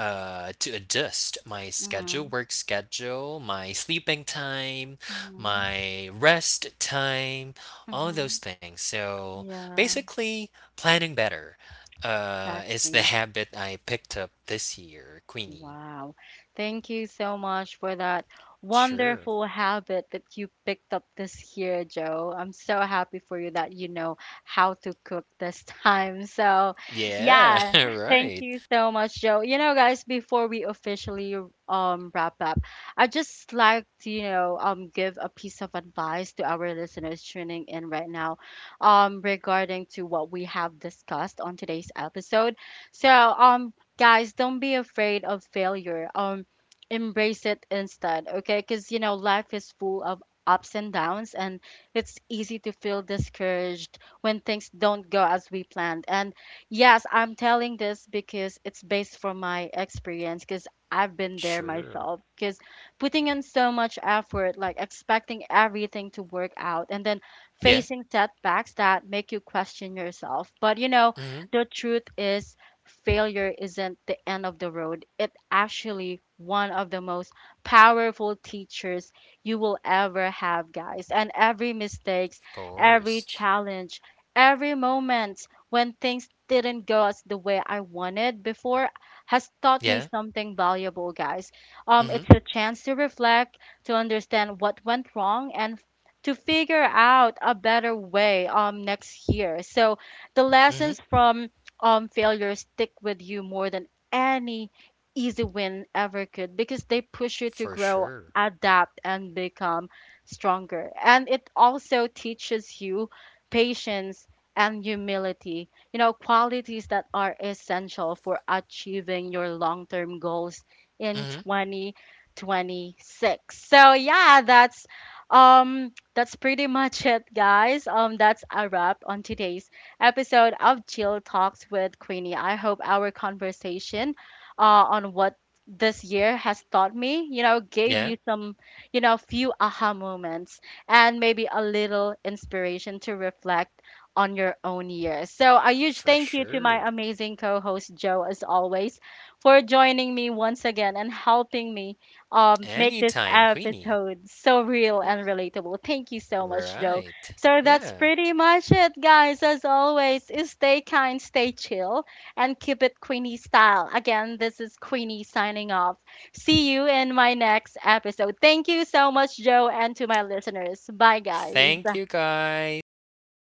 [SPEAKER 2] uh to adjust my schedule
[SPEAKER 1] Mhm,
[SPEAKER 2] work schedule my sleeping time
[SPEAKER 1] mhm,
[SPEAKER 2] my rest time all those
[SPEAKER 1] mhm.
[SPEAKER 2] things so
[SPEAKER 1] Yeah,
[SPEAKER 2] basically planning better uh is the
[SPEAKER 1] exactly.
[SPEAKER 2] habit I picked up this year queenie
[SPEAKER 1] Wow. Thank you so much for that
[SPEAKER 2] sure
[SPEAKER 1] wonderful habit that you picked up this year, Joe. I'm so happy for you that you know how to cook this time. So,
[SPEAKER 2] yeah
[SPEAKER 1] yeah, thank
[SPEAKER 2] right
[SPEAKER 1] you so much, Joe. You know, guys, before we officially um wrap up, I just like to, you know, um give a piece of advice to our listeners tuning in right now um regarding to what we have discussed on today's episode. So, um, guys, don't be afraid of failure. Um embrace it instead, okay? Because you know, life is full of ups and downs, and it's easy to feel discouraged when things don't go as we planned. And yes, I'm telling this because it's based from my experience, because I've been there
[SPEAKER 2] sure
[SPEAKER 1] myself, because putting in so much effort, like expecting everything to work out, and then
[SPEAKER 2] yeah
[SPEAKER 1] facing setbacks that make you question yourself. But you know,
[SPEAKER 2] hmm
[SPEAKER 1] the truth is, failure isn't the end of the road. It's actually one of the most powerful teachers you will ever have, guys. And every mistakes,
[SPEAKER 2] of
[SPEAKER 1] every
[SPEAKER 2] course
[SPEAKER 1] challenge, every moment when things didn't go as the way I wanted before has taught me
[SPEAKER 2] yeah
[SPEAKER 1] something valuable, guys. Um,
[SPEAKER 2] hmm
[SPEAKER 1] it's a chance to reflect, to understand what went wrong, and to figure out a better way um next year. So the
[SPEAKER 2] hmm
[SPEAKER 1] lessons from um failures stick with you more than any easy win ever could, because they push you to
[SPEAKER 2] for
[SPEAKER 1] grow,
[SPEAKER 2] sure
[SPEAKER 1] adapt, and become stronger. And it also teaches you patience and humility, you know, qualities that are essential for achieving your long-term goals in
[SPEAKER 2] hmm
[SPEAKER 1] twenty twenty-six. So yeah, that's um that's pretty much it, guys. Um that's a wrap on today's episode of Chill Talks with Queenie. I hope our conversation uh, on what this year has taught me, you know, gave
[SPEAKER 2] Yeah,
[SPEAKER 1] you some, you know, few aha moments and maybe a little inspiration to reflect on your own year. So, a huge
[SPEAKER 2] for
[SPEAKER 1] thank you to my
[SPEAKER 2] sure.
[SPEAKER 1] amazing co host, Joe, as always, for joining me once again and helping me um, make this
[SPEAKER 2] Anytime, Queenie.
[SPEAKER 1] episode so real and relatable. Thank you so much, Joe.
[SPEAKER 2] Right.
[SPEAKER 1] So that's
[SPEAKER 2] Yeah.
[SPEAKER 1] pretty much it, guys. As always, stay kind, stay chill, and keep it Queenie style. Again, this is Queenie signing off. See you in my next episode. Thank you so much, Joe, and to my listeners. Bye,
[SPEAKER 2] Thank
[SPEAKER 1] guys.
[SPEAKER 2] you guys. Bye.